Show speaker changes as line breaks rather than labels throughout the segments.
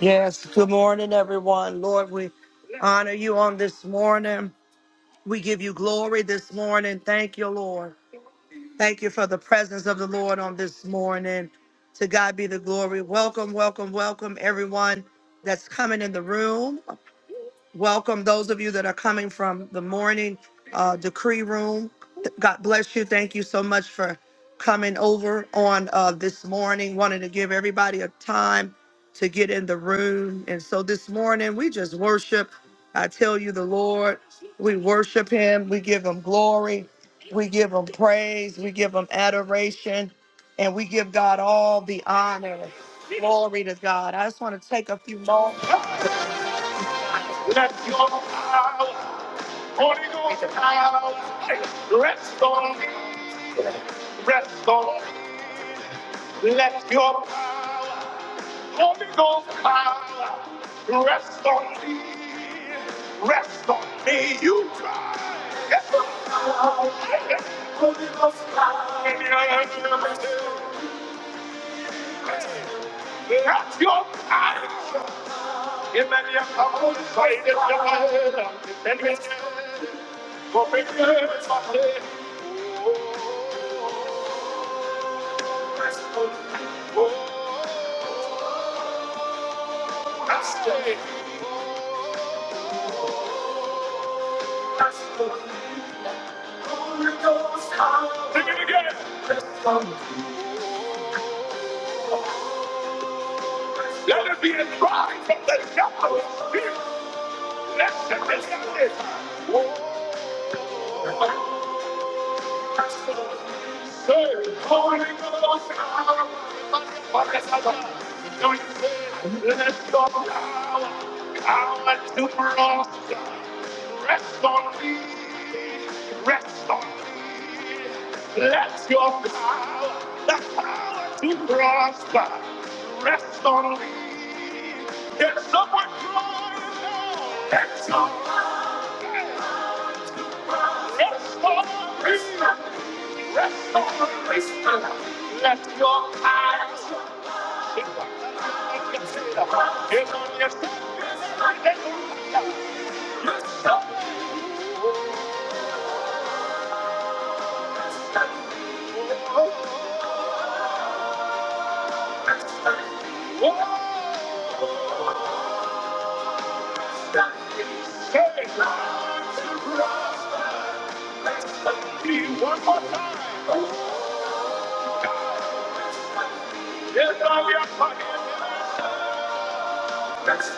Yes, good morning, everyone. Lord, we honor you on this morning. We give you glory this morning. Thank you, Lord. Thank you for the presence of the Lord on this morning. To God be the glory. Welcome, welcome, welcome, everyone that's coming in the room. Welcome those of you that are coming from the morning uh, decree room. God bless you. Thank you so much for coming over on uh, this morning. Wanted to give everybody a time to get in the room. And so this morning, we just worship. I tell you, the Lord, we worship Him. We give Him glory. We give Him praise. We give Him adoration. And we give God all the honor. Glory to God. I just want to take a few moments. Let your power, Holy Ghost power, rest on me, rest on me. Let your power, Holy Ghost power, rest on me, rest on me. You cry. Yes, Lord. Holy Ghost power. Let your power. Sing it again. Let there be a cry from the depth of his spirit. Let there be a cry. Let your power come to cross. Rest on me, rest on me. Let your power, power to prosper. Rest on me. Can someone cry out? Rest on me. Rest on wisdom. Rest on wisdom. Let your eyes be consider. Give on yourself. Wisdom. Wisdom. One more time. Yes, I'm your fucking Rest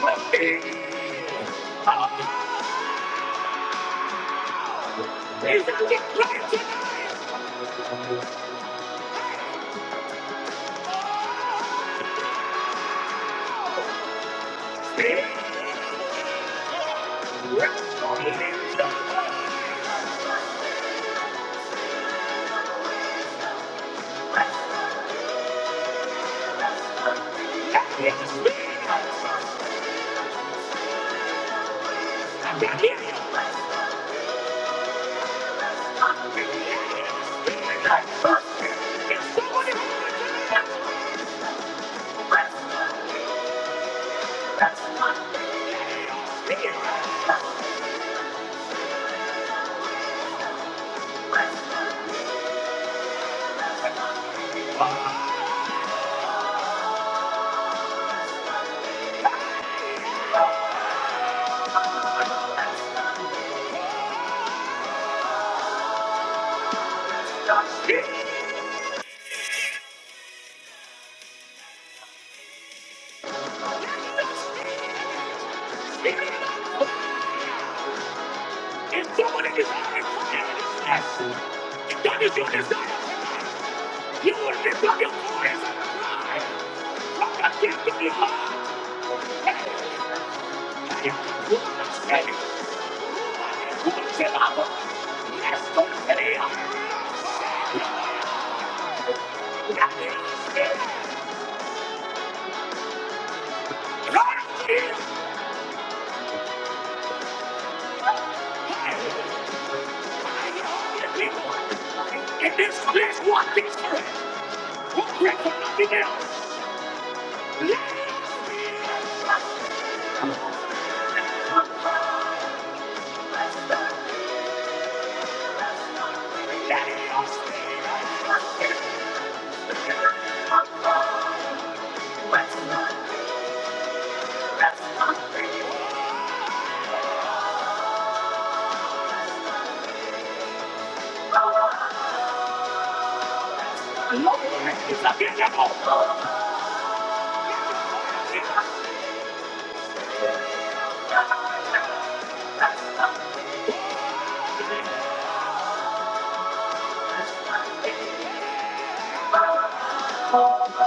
on me! Rest on me! If someone is hiding from you, if that is your desire, you will lift up your voice and cry. From the kingdom of God. In this place, one thing's for it. Who pray for nothing else? Let it be. Thank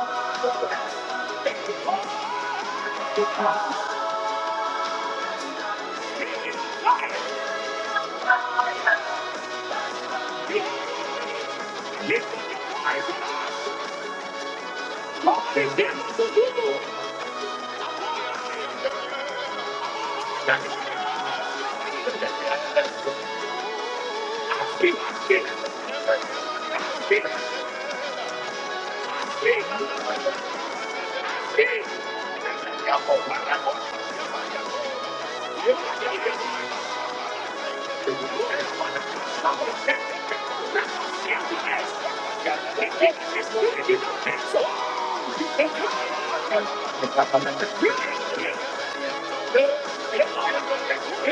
you. Yes. Yes.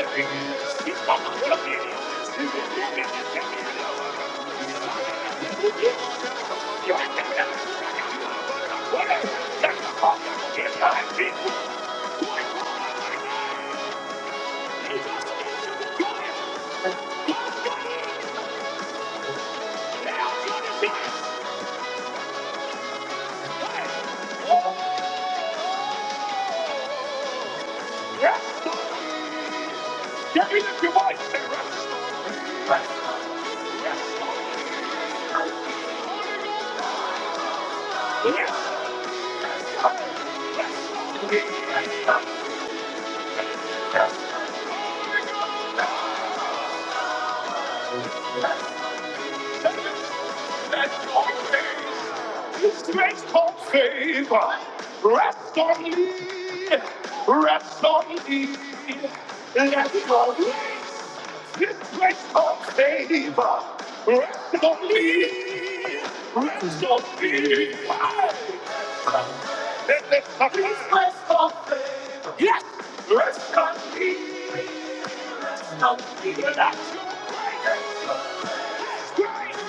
Yes. Yes. That's called faith. That's called favor. Rest on me. Rest on me. That's called grace. This place called favor. Rest on me. Rest on me. This place called favor. Yes. Rest on me. Rest on me. That's your grace. Grace.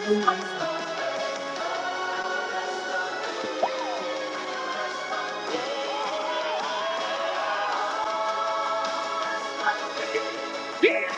Yeah.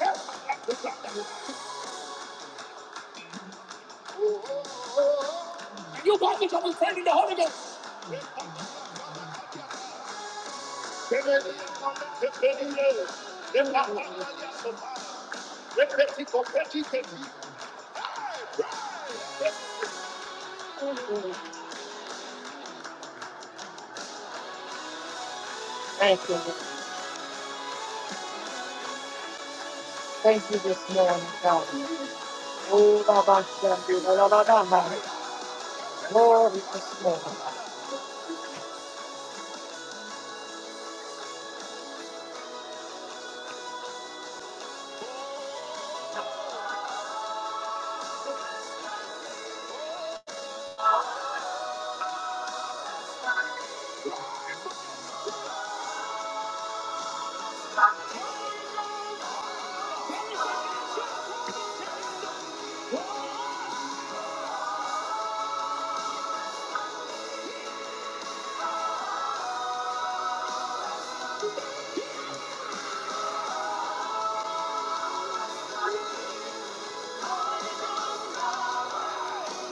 That's your glory. You want to come praying in the Holy Ghost. Oh,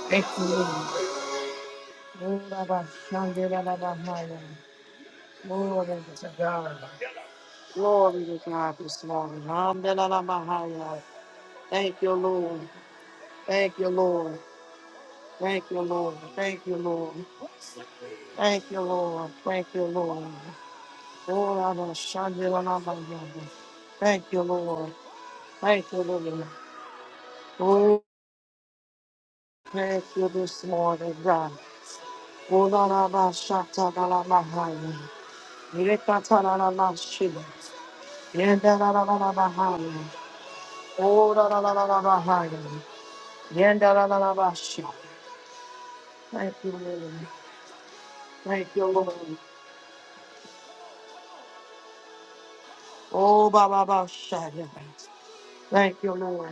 Thank you, Lord. Lord, I bow down, Lord, I bow down. Glory to God. Glory to God this morning. Hallelujah. Thank you, Lord. Thank you, Lord. Thank you, Lord. Thank you, Lord. Thank you, Lord. Thank you, Lord. Lord, I bow down, Lord, I bow down. Thank you, Lord. Thank you, Lord. Oh, thank you this morning, God. Oh, la la la, shata la la la, haya. Irekata la la la, shida. Yenda la la la la, la, haya. Oh, la la la la la, la, haya. Yenda la la la la, shida. Thank you, Lord. Thank you, Lord. Oh, ba ba ba, shaya. Thank you, Lord.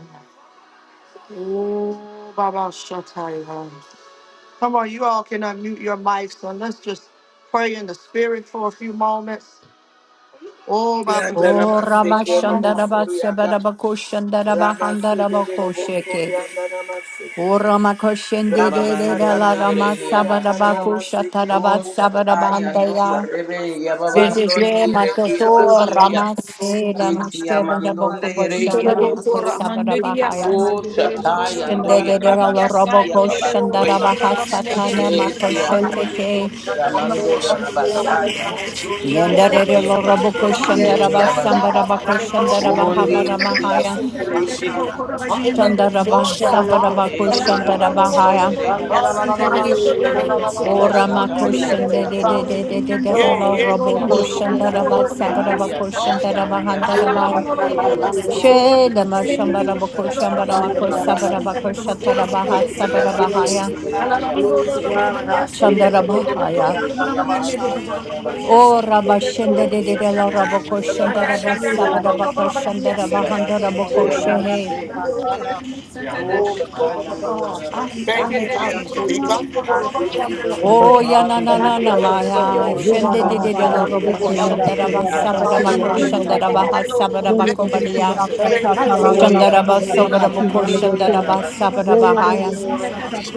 Oh, ba ba, shata. Come on, you all can unmute your mics and let's just pray in the spirit for a few moments. Oh, my
Rianda
O
Ramaseke Robo
Ramashandaraba
Sorianda
Sebarabako Shandaraba
Ramaseke de
Handarabako
Robo
Sheke.
Sorianda Ramaseke
O Ramakoshendere
Ramasanda
la
Yababandonde
Rabo
Rama
yerehi
Sorianda
yabasu.
Sabarabako
Ramaseke
Ho
Shataraba
Robo Sor-
shataya ndo
Sabarabandaya.
yarebe
Ramasanda
Thank
Rabo
yababandonde
Zezeze
yereki
Sorianda
Matoto
yabasoya.
Ramase
Rama-
Iti
Ramasanda Rabo
yamandonde
Lamashebarabako
yerehi
Thank
Sorianda
Shabaramako
yabasu. Ho
Sabarabahaya.
Ramaseke
Thank
shataya
Sorianda
ndo
Shendere la
Ramaseke
yarabasiti
you.
Roboko
yababasoya.
Shandarabaha
Thank you,
Satana
Jesus.
Mako
Eti
Ramasanda
Hallelujah.
Ramaseke
yandonde
Shenteke.
yerehi
Sorianda
Oh, my
yamando
God, my Savior, the
Yanda
yarabasaya.
Lord.
Rabo Sorianda
Glory
Nyendere la
Ramaseke
Roboko
yamasote
Robo
Yeah,
yerehi
Shandaraba
God, God,
yabaso.
my
Sambarabako
Yanda
Savior,
Robo
my
Shandarabaha
Undi
Sorianda
eti
Savior,
Baramahaya.
the Lord.
yasonde yerehi
Ramaseke
you.
yabasoya.
Hallelujah, my
you.
Shandaraba
Savior.
Sabaraba
Yes,
Eti
Hallelujah, my Savior.
yamandonde
Kushandarabahaya.
yerehi
Father, la, la, la, la,
yabaso.
la,
Hallelujah, God,
shit,
the
oh, la, la, la, la,
Lord, yeah.
Oh,
la.
Orama
God, the Lord,
Shakaya
yeah,
and
the
Doya
best.
Father, we give
Rabasiti
you
Yeah,
glory
Kushandededededededala
yeah,
this
Rabo
God,
Ababasuya.
the
morning.
Lord, the
Kushandaraba
Lord, yeah.
Sabaraba
Anya City
Hallelujah,
Kushandaraba
and Ya
Baba,
Handarabai.
Sunday
Kuya, the best.
Rehiabaso.
Shedama
Thank you,
Oh,
Shambaraba
Jesus.
Shakaya
Kushambarama
and Doya
Kusabaraba
Rabasi.
Yes,
Kushatarabaha
Lord. Yes, Lord.
Sabarabahaya.
Yabasunde
Thank
Rehiabase.
you, Lord.
Shandarabahaya.
Glory Hiamando Ya
O
Rabasataya.
Rabba
Et
Shendedededala Rabo
Yamando Ya
Kushandaraba
Rabasiande.
Sabaraba Kushandaraba
Good
Handarabo
Yabasota
morning.
Thank
Kushehe.
Yababase.
You live in here? Yeah, I'm
Oh,
here.
Shakaya and
Um,
Doya
I, I
Rabasi.
Thank you,
made I was
Jesus. He comes to go to
one little
Thank
Oh,
prayer,
ya na na
and I
na
made
na
a
Hallelujah.
Yes,
little
Lord.
maya.
seal
Glory
of
to
Shende de
uh,
de
God.
de lo
coffee
Thank
Anya
robo
from
ko
the
Sunday
elevator,
shandara ba
so I
sabara
don't
ba
want
Rehiabasu.
ko
nobody to get out
shandara
the
ba
car.
ha ba
Thank
ko
you,
I'm
bariya.
like,
Jesus.
Thank
Thank
you. How y'all
Oh,
doing?
Shandara ba
yabase,
sobara ba ko
yamando
shandara ba sabara
yarabasaya.
ba haya.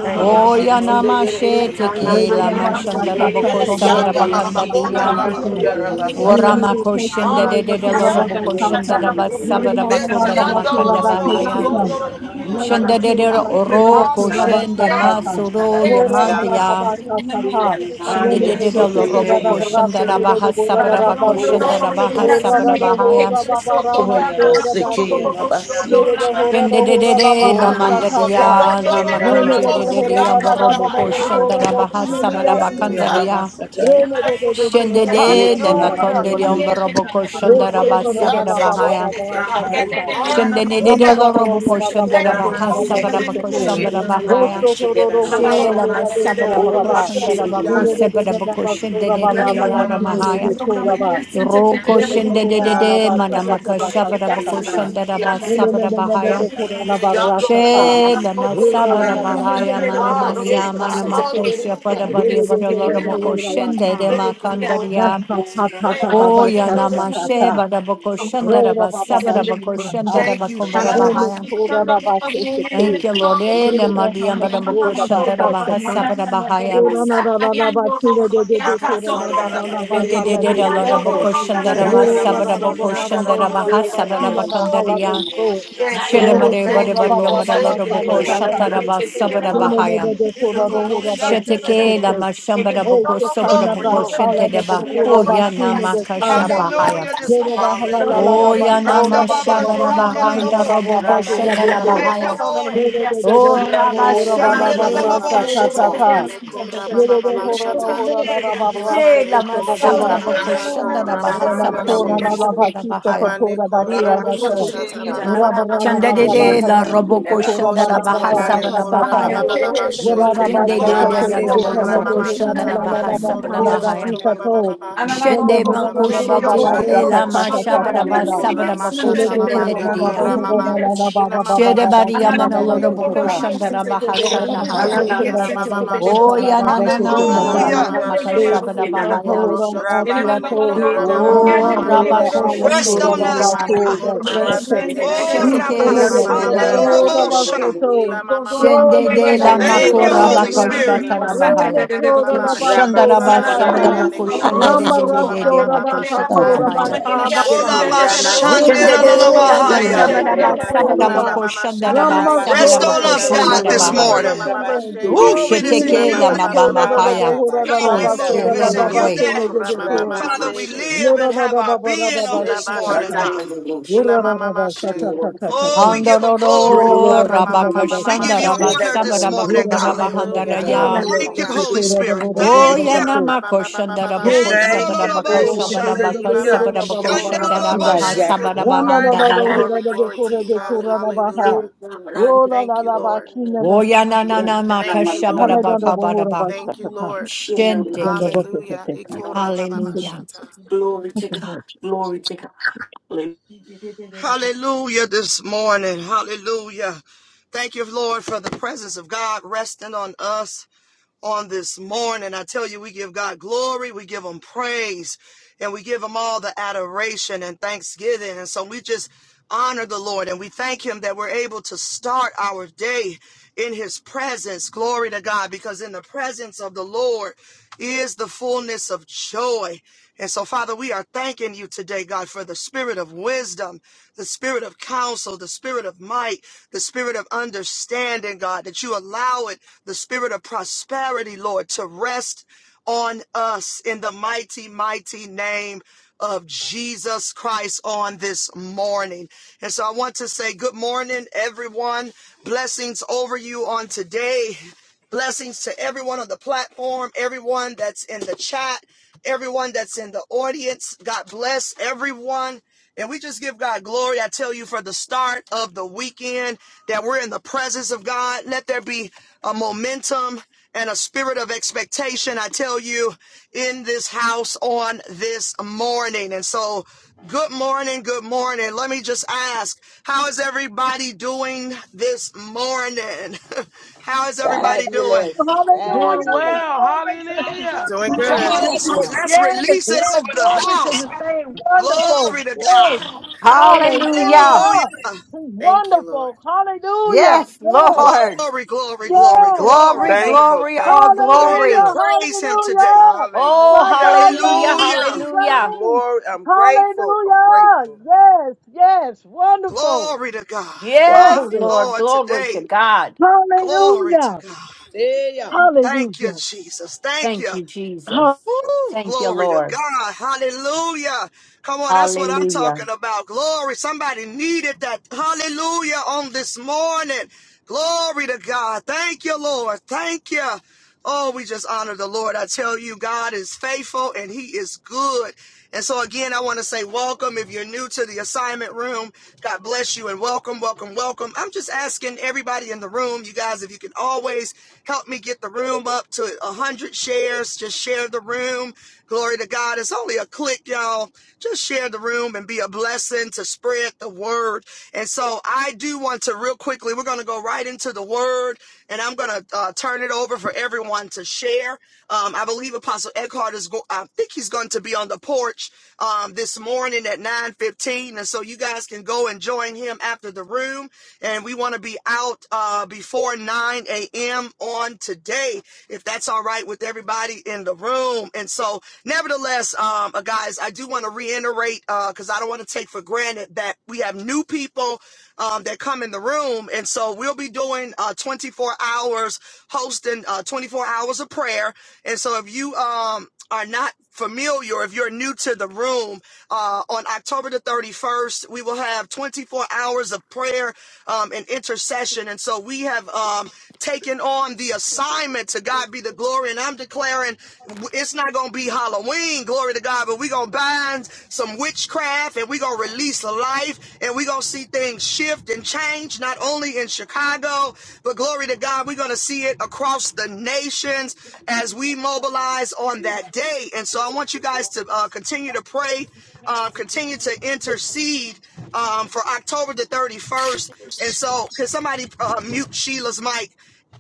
Thank you
Oh,
this
ya
you,
morning.
na
Jesus.
Yamandonde
ma she
yerehi
Thank
teke lama la
you.
ma
yabasoya.
shandara ko
Yay,
sabara
Ganya
ba
Bondi yesi,
Rabaconda,
kandariya.
yamando
you.
Rabaconda,
Rene
CIA.
Ora ma
yarabasataya.
de
ko
de
shende de de de lo
Hallelujah.
robo
Eti
ko shandara ba
yamasonde
sabara
yerehi
ba ko
Messianda
yabaso.
kanda ba
Rororobo,
Musha
Sondorobo,
kaya
Shende
toya
de de
Rabasaka.
ro ro ko shende
Hallelujah.
ma
eti
suro ya
Thank
you.
you, Jesus.
yamasoya. Anya
Thank
sonde
Shendededelo
you, Jesus.
yerehi
roboko
Yes,
yamaso.
shandarabaha
Thank
sabarabako
Thank you,
shandarabaha
Lord.
sabarabahaya.
Oh, yabase ke yamabasi.
Shendedede la
Bondi
Ah,
yesi,
eh,
mandaria
yamdonde
la
yerehi
makonje
Gondorororobo,
dedede
yabasoya.
Sianda
ambaroboko
Rabaya.
shandarabaha
Musha kaya toya
Hallelujah.
sabarabakandaria.
rabasataya.
Thank
de
you,
korara
Jesus.
basta
Shendede
Eti
la
ta ta ta.
Hallelujah.
maconde de
yamandonde
ambaroboko
Yonder
Rasta
shandarabah
walk
sabarabahaya.
with the top.
Shendedede
Hallelujah.
la roboko
Thank you,
shandarabaha
Jesus.
sabarabako shambarabahaya. Shela ma sabarabako shandarabako
you.
sabarabako shendedede la ramahaya. Roko shende de de de manamaka
Thank you,
shabara bako
Jesus.
shandara ba sabara bahaya.
Yes,
Yeah, yonder walk on
Ayando
the my
She
seal
lama
of the boy,
sabara
yeah. yeah.
bahaya
Ah, yeah,
manamania
God.
manamako
Hallelujah.
shapada bari bara lora mako shende de
Thank you, Lord.
makandaria.
ta ta
Thank
ta ta
you,
O
ba ta ta
Jesus.
yanama
ta
she
ta.
bara bako shandara
Rora
ba
baba
sabara
bashi
bako
kaka.
shandara
Thank you,
bako bara
Ene
Jesus.
bahaya.
kora baba kese
Thank
ke.
you, Lord. Eh,
Dele de
namadia
hama
bara
shora
bako
baba
shandara
kase
baha sabara bahaya.
Ora na
Oh,
na na na ba tine de de de kora na na na na
De
ba
Thank
de de
Ramasandarabaste,
kanda
de
de
de lora
dora
Thank
bo.
you,
bako
Jesus.
shandara ba
Roro ra
sabara
ra ra bo
bako
ra ra
shandara
bo ra
Yandarabasoriandarabasi.
baha
ra ba
sabara
tine na hala
bakandaria.
do so.
Thank you,
Rede
Lord.
Shelemare
ke
Thank
ora
you,
ba
Barebari
ra
Lord.
ba ba
Thank
Amaralora
you,
sa na
Boko
Lord.
ta ta ke.
Shataraba Sabara
Dele ne de
Bahaya.
de kora do hora ba kese ke
Sheteke la
ke.
Mashambara
E
Boko
se
Sobara
kana
Glory,
Boko
ba
glory.
kala da bo
Shentedeba. O
ba tine
Yanama
de kanda.
Kashabahaya.
Hallelujah this
Rere da
morning.
hala la la
O
Hallelujah.
la ba tora
Yanama
Randa
ba ba
Baba
ba ba
Shabara
ba ba
Shandela
behind the
hura ba ba
Lobosa.
ba
Roboko
hura
Thank you,
de
Shendera
ke.
Lord.
Thank you,
Bahaya.
Ramasandarabosa.
Lord.
de de de
O
hura do
Rabba
hura ba ba ba
Shandela
ra
Shendede.
sa ta
Lobosa.
Thank
ta
God.
ta.
Korababababashetelebene
Rere de hura do
korababababashata.
hura da da ba ra se
Ilabane
ke
Shela
to
ko
ba ba.
Masabara Boko
shatarabane
Yanda
Shendera Baha
Rere na
Sabara
koramamashe.
tora
Boko
Why
na la
Ramasandarabosa.
ba
Shentera
ki se ko
Bahaya.
Labane
tora ba ki ya da to.
koramashatata
Ramasekeya.
Yes,
Ura ba ra na ba ba ba
Yes,
you
Shandede
ta
babababababashete.
ba
la
ba ki se
Roboko
ko
you.
ra
Iko
ba
Shendera
ra ba
Baha
ba ba
shatalabane
sa
Sabara
Yes.
sa ta.
Manne
Bahaya.
rolo
korababababashe.
Ura na
shikiri
ba
na
Shende
se
de
ko
de
to
Glory,
de
Ilabane
de
de
lo
glory,
te
da
na
glory.
de
boko
Ramasiandarabosa.
hura
shanda
koramamashata
na
da
la la
baha
la
labane
ba
Oh,
ta
sabada
na
O
bless
da
your
pi
bahaya.
koroshototo
mari
sa
name.
to.
babababa.
Rere
Shende
hura na na
Thank
makoshe
ba
you,
ba ba
Lord.
Ilabamamamashe.
sa
teke
ta
la
ta
Yandarabosa.
ta
masha
ta
Ilebe
ta
bada
la
ba
ne
la.
kora
sabada boko
masha
Thank
shende
talaba
de
ne
de de ya.
kora mama.
Ramasandarabosa.
Ina mama
Shede
mashe
bari
No
yamana
telebe
lo
ne
de
longer.
boko
kora
shanda
mashe
da
te
baha
kosha.
satahaya.
Ikara mama mashe
Oh ya
taraba
na
ne
na na
kora
na
you.
na
baba
na
Hallelujah.
baba
na
bashe.
They
makasha bada
set
Yandarabasik.
up,
bahaya.
Ikoro
Hora
sho
Yes,
tolaba ne
Akiato,
kora
Rabasorianda
mama mama
Oh
mama
Ramashende de
Ramadora
rabako
mashe.
shende
Rest
de
Alatura
Robosoria.
on
de de
us,
Ilamane
yama.
Babato,
God.
Vakaset.
koramashete
Oh,
Ramasande de
You
koshataka
Rabba
send a
Sheteke
baba
le
bit of
mama mama
Robosoria.
Shandela
mehe.
mashe.
Rama
Lobosa.
Rabasheke.
Ilama mama mama
Shende
mama
de la
Yanda
Thank you,
mako
Shora
koshata
Holy
rabako
Rabasoria.
labane
Spirit.
shata da
korra
Rabasik.
bahaya.
baba
de
baba baba.
Yes, yes,
Shandaraba
Ilaba
Ramasanda
shelebe ne
Sabaraboko
Ramasete
Shandere de de de
baba
Roboshata.
de
baba
don't
bashata.
Makoshikia
drink
Haya.
that?
Glory to
Ilabane
you,
Ola
Jesus.
korashata
Mashandela
baba
Ramasikando
mama
Shandere
mama
Be
Kona
Lama
your
Lolobahaya.
Robosurianda
mother
mashe.
that
Sabaraba
cup.
Rabarasora
Ilaba
Ba,
Ramaseya.
Sabaraboko
mama shelebe
Shandaraba
ne
Rest
Ramasora
on
korosho
Sabaraboko
de
Rabasurianda
us, God,
baba
this
King
Shandaraba
mama
of
Haya.
Ramashende
mama
the
morning.
mama
Sunday.
Rabasi.
mashe.
Ooh,
Oh, it is in
Sheteke
Ilaba
you
Yes,
Lama
Hey,
baba
that,
Bama
baba
Shaba
Haya.
Baba
bashete.
God,
Holy
we
Sanda
move.
Spirit,
Raba.
It's
have
in
your
you
Ilabane
way.
that,
korra mama mama
Father, we
mashe.
Ramasete.
live and
You're
have our being on this
Thank
Ilaba
you.
morning, God.
Ila mama mashe,
Oh, we give them glory.
Ikora
Handororo
mama mama
Rabaka
mama
We
mama
give you
Shandaraba
shete
honor
better
ga.
this morning,
Sabarabako
God.
Baraba
Hallelujah,
Handaraya.
Thank you,
hallelujah.
Holy Spirit.
Oh,
Thank you.
Ikora baba
Yanamako
baba baba
Shandaraboko
bashe.
Thank you.
Sabarabaka
Thank you.
Yandelolobosha.
Thank
Shabarabaka
you.
Ilamane
Sabarabako
kora
than
mama
You got a
Shandaramaha
Yandelolobosha.
Thank you,
we
jacket.
mashata.
Lord.
Sabarabahandaraya.
Glory, glory to you, God.
Hallelujah.
Glory
Hallelujah.
Oh la
Thank
la
you,
la ba
Lord.
kina da
Oh yeah, na na
sate.
na
Thank you,
makasha bara
Lord.
Hale
ba
da
bara ba
da
ka
bohora ba
Thank you,
shakata.
Lord.
don't know what to
Hallelujah.
take.
Ikora baba
Thank you,
Hallelujah.
Jesus.
bashata.
Thank
to
you,
God.
Lord Jesus.
Glory to God.
Hallelujah this morning. Hallelujah. Thank you, Lord, for the presence of God resting on us. on this morning. I tell you, we give God glory, we give Him praise, and we give Him all the adoration and thanksgiving. And so we just honor the Lord and we thank Him that we're able to start our day in His presence. Glory to God, because in the presence of the Lord is the fullness of joy. And so, Father, we are thanking you today, God, for the spirit of wisdom, the spirit of counsel, the spirit of of might, the spirit of understanding, God, that you allow it, the spirit of prosperity, Lord, to rest on us in the mighty, mighty name of Jesus Christ on this morning. And so I want to say good morning, everyone. Blessings over you on today. Blessings to everyone on the platform, everyone that's in the chat, everyone that's in the audience. God bless everyone and we just give God glory. I tell you, for the start of the weekend, that we're in the presence of God. Let there be a momentum and a spirit of expectation, I tell you, in this house on this morning. And so, good morning, good morning. Let me just ask, how is everybody doing this morning? how is
Well,
everybody doing?
Fabulous.
Hallelujah. Glory
Doing
Fabulous.
to his
Hallelujah.
Doing
beautiful
Come
good.
on,
name.
let's re-
Blessed.
let's
Yes,
release it
yes.
over the
Glory to
house.
his name. Wonderful.
Glory to
Great.
God.
Ha!
Hallelujah.
Hallelujah.
Hallelujah.
He's
Thank you, Lord.
wonderful. Hallelujah. Yes,
Lord.
Glory, glory, glory,
yes,
Glory,
glory.
yes.
Thankful,
glory, all
thankful,
Go ahead and
glory.
Hallelujah.
thankful.
praise him today.
Hallelujah.
Oh,
My
Hallelujah.
God
hallelujah,
reigns.
Hallelujah.
He
I'm
hallelujah.
reigns.
glory. I'm grateful. I'm
Hallelujah.
grateful.
Yes, yes. Wonderful.
Glory to God.
Yes,
My
Glory.
Lord.
Lord,
Glory
today.
to God.
Glory to
Hallelujah.
God.
Hey, yeah.
Thank you,
Hallelujah.
Jesus. Thank
Thank
you.
you, Jesus.
Ha-
Woo!
Thank you,
Glory to
Lord.
God. Hallelujah. Come on, that's what I'm
Hallelujah.
talking about. Glory. Somebody needed that. Hallelujah on this morning. Glory to God. Thank you, Lord. Thank you. Oh, we just honor the Lord. I tell you, God is faithful and he is good. And so, again, I want to say welcome. If you're new to the assignment room, God bless you and welcome, welcome, welcome. I'm just asking everybody in the room, you guys, if you can always help me get the room up to 100 shares, just share the room. Glory to God. It's only a click, y'all. Just share the room and be a blessing to spread the word. And so, I do want to real quickly, we're going to go right into the word and I'm going to uh, turn it over for everyone to share. Um, I believe Apostle Eckhart is going. I think he's going to be on the porch um, this morning at 9:15, and so you guys can go and join him after the room. And we want to be out uh, before 9 a.m. on today, if that's all right with everybody in the room. And so, nevertheless, um, uh, guys, I do want to reiterate because uh, I don't want to take for granted that we have new people um, that come in the room, and so we'll be doing doing uh, 24 hours, hosting uh, 24 hours of prayer. And so if you um, are not familiar, if you're new to the room, uh, on October the 31st, we will have 24 hours of prayer um, and intercession. And so we have um, taken on the assignment to God be the glory. And I'm declaring it's not going to be Halloween, glory to God, but we're going to bind some witchcraft and we're going to release life and we're going to see things shift and change, not only in Chicago. Chicago, but glory to God, we're going to see it across the nations as we mobilize on that day. And so I
It's up
want you
this
guys to uh, continue to pray, um, continue to intercede um, for October the 31st. And so, can somebody uh, mute Sheila's mic?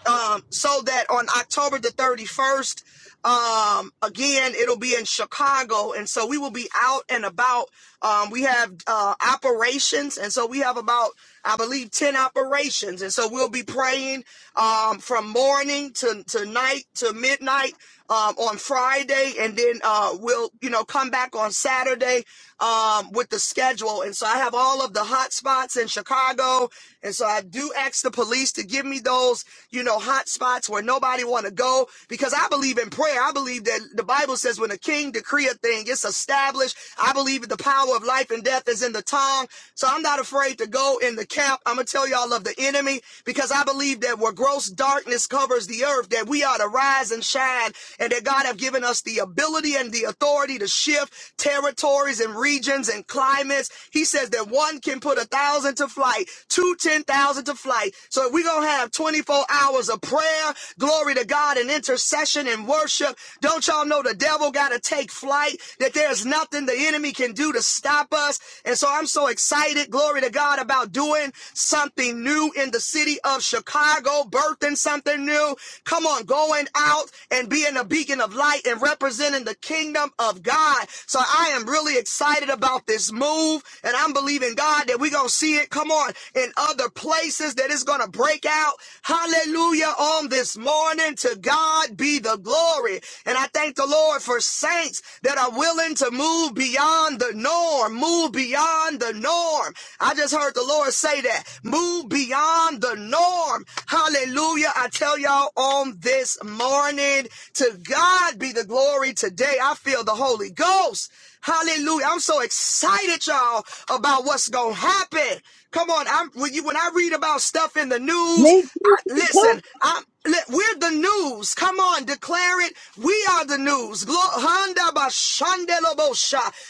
um, so that on October the 31st, um, again, it'll be in Chicago. And so we will be out and about. Um, we have uh, operations. And so we have about, I believe, 10 operations. And so we'll be praying um, from morning to, to night to midnight um, on Friday. And then uh, we'll, you know, come back on Saturday um, with the schedule. And so I have all of the hot spots in Chicago zone. And so I do ask the police to give me those, you know, hot spots where nobody want to go because I believe in prayer. I believe that the Bible says when a king decree a thing, it's established. I believe that the power of life and death is in the tongue. So I'm not afraid to go in the camp. I'm going to tell y'all of the enemy because I believe that where gross darkness covers the earth, that we ought to rise and shine and that God have given us the ability and the authority to shift territories and regions and clouds assignments. He says that one can put a thousand to flight, two ten thousand to flight. So we're gonna have 24 hours of prayer, glory to God, and intercession and worship. Don't y'all know the devil gotta take flight, that there's nothing the enemy can do to stop us. And so I'm so excited, glory to God, about doing something new in the city of Chicago, birthing something new. Come on, going out and being a beacon of light and representing the kingdom kingdom of God. So I am really excited about this move, and I'm believing God that we're gonna see it. Come on, in other places that it's gonna break out. Hallelujah! On this morning, to God be the glory. And I thank the Lord for saints that are willing to move beyond the norm, move beyond the norm. I just heard the Lord say that. Move beyond the norm. Hallelujah. I tell y'all on this morning morning. To God be the glory today. I feel the Holy Ghost. Hallelujah. I'm so excited, y'all, about what's going to happen. Come on. I'm when you, when I read about stuff in the news,
Me too.
I,
me too.
listen, I'm, we're the news. Come on, declare it. We are the news.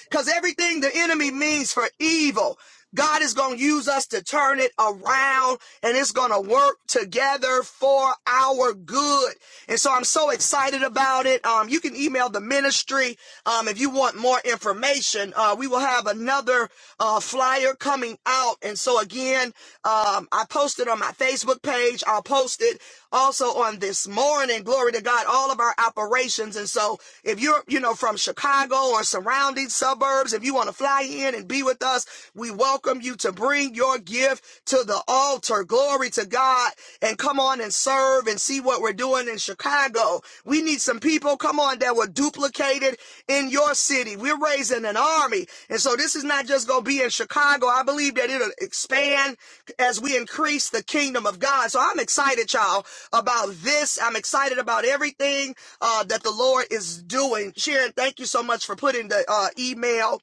Because everything the enemy means for evil. God is going to use us to turn it around and it's going to work together for our good. And so I'm so excited about it. Um, you can email the ministry um, if you want more information. Uh, we will have another uh, flyer coming out. And so again, um, I posted on my Facebook page. I'll post it also on this morning. Glory to God, all of our operations. And so if you're, you know, from Chicago or surrounding suburbs, if you want to fly in and be with us. We welcome you to bring your gift to the altar. Glory to God. And come on and serve and see what we're doing in Chicago. We need some people, come on, that were duplicated in your city. We're raising an army. And so this is not just going to be in Chicago. I believe that it'll expand as we increase the kingdom of God. So I'm excited, y'all, about this. I'm excited about everything uh, that the Lord is doing. Sharon, thank you so much for putting the uh, email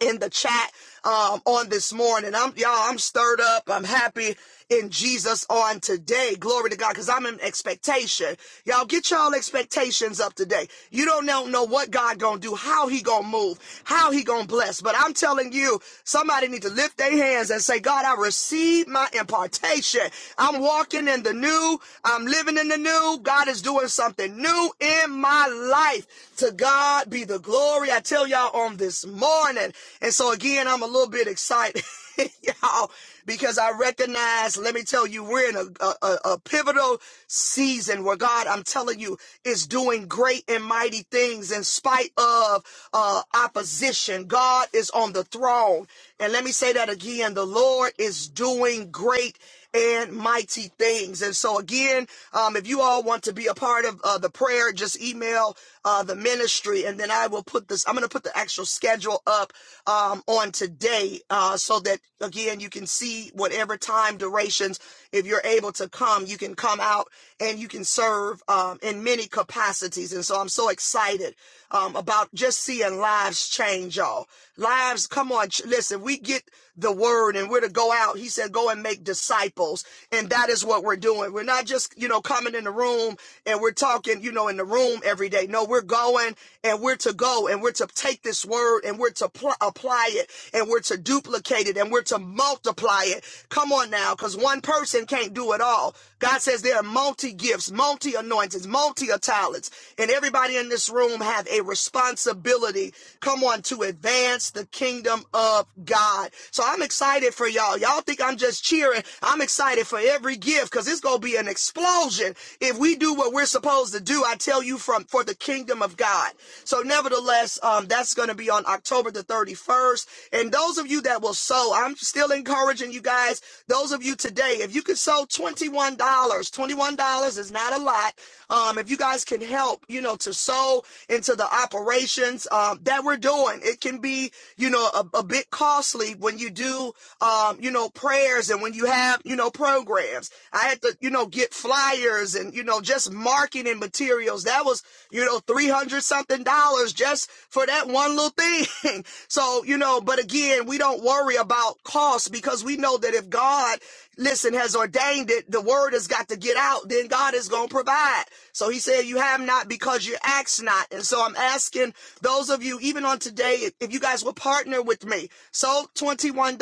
in the chat um, on this morning. I'm y'all, I'm stirred up. I'm happy in Jesus on today. Glory to God, because I'm in expectation. Y'all get y'all expectations up today. You don't know, know what God gonna do, how he gonna move, how he gonna bless. But I'm telling you, somebody need to lift their hands and say, God, I receive my impartation. I'm walking in the new, I'm living in the new. God is doing something new in my life. To God be the the glory. I tell y'all on this morning. And so again, I'm a little bit excited, y'all, because I recognize, let me tell you, we're in a, a, a pivotal season where God, I'm telling you, is doing great and mighty things in spite of uh, opposition. God is on the throne. And let me say that again. The Lord is doing great and mighty things. And so again, um, if you all want to be a part of uh, the prayer, just email uh, the ministry, and then I will put this. I'm going to put the actual schedule up um, on today, uh, so that again you can see whatever time durations. If you're able to come, you can come out and you can serve um, in many capacities. And so I'm so excited um, about just seeing lives change, y'all. Lives, come on, listen. We get the word and we're to go out. He said, go and make disciples. And that is what we're doing. We're not just, you know, coming in the room and we're talking, you know, in the room every day. No, we're going and we're to go and we're to take this word and we're to pl- apply it and we're to duplicate it and we're to multiply it. Come on now, because one person can't do it all. God says there are multi gifts, multi anointings, multi talents, and everybody in this room have a responsibility. Come on to advance the kingdom kingdom of God. So I'm excited for y'all. Y'all think I'm just cheering. I'm excited for every gift because it's going to be an explosion if we do what we're supposed to do. I tell you from for the kingdom of God. So nevertheless, um, that's going to be on October the 31st. And those of you that will sow, I'm still encouraging you guys. Those of you today, if you could sow $21, dollars, $21 is not a lot. Um, if you guys can help, you know, to sow into the operations um, that we're doing doing. It can be, you know, a, a bit costly when you do, um, you know, prayers and when you have, you know, programs. I had to, you know, get flyers and, you know, just marketing materials. That was, you know, 300 something dollars just for that one little thing. so, you know, but again, we don't worry about cost because we know that if God listen, has ordained it, the word has got to get out, then God is going to provide. So he said, You have not because you ask not. And so I'm asking those of you, even on today, if you guys will partner with me, so $21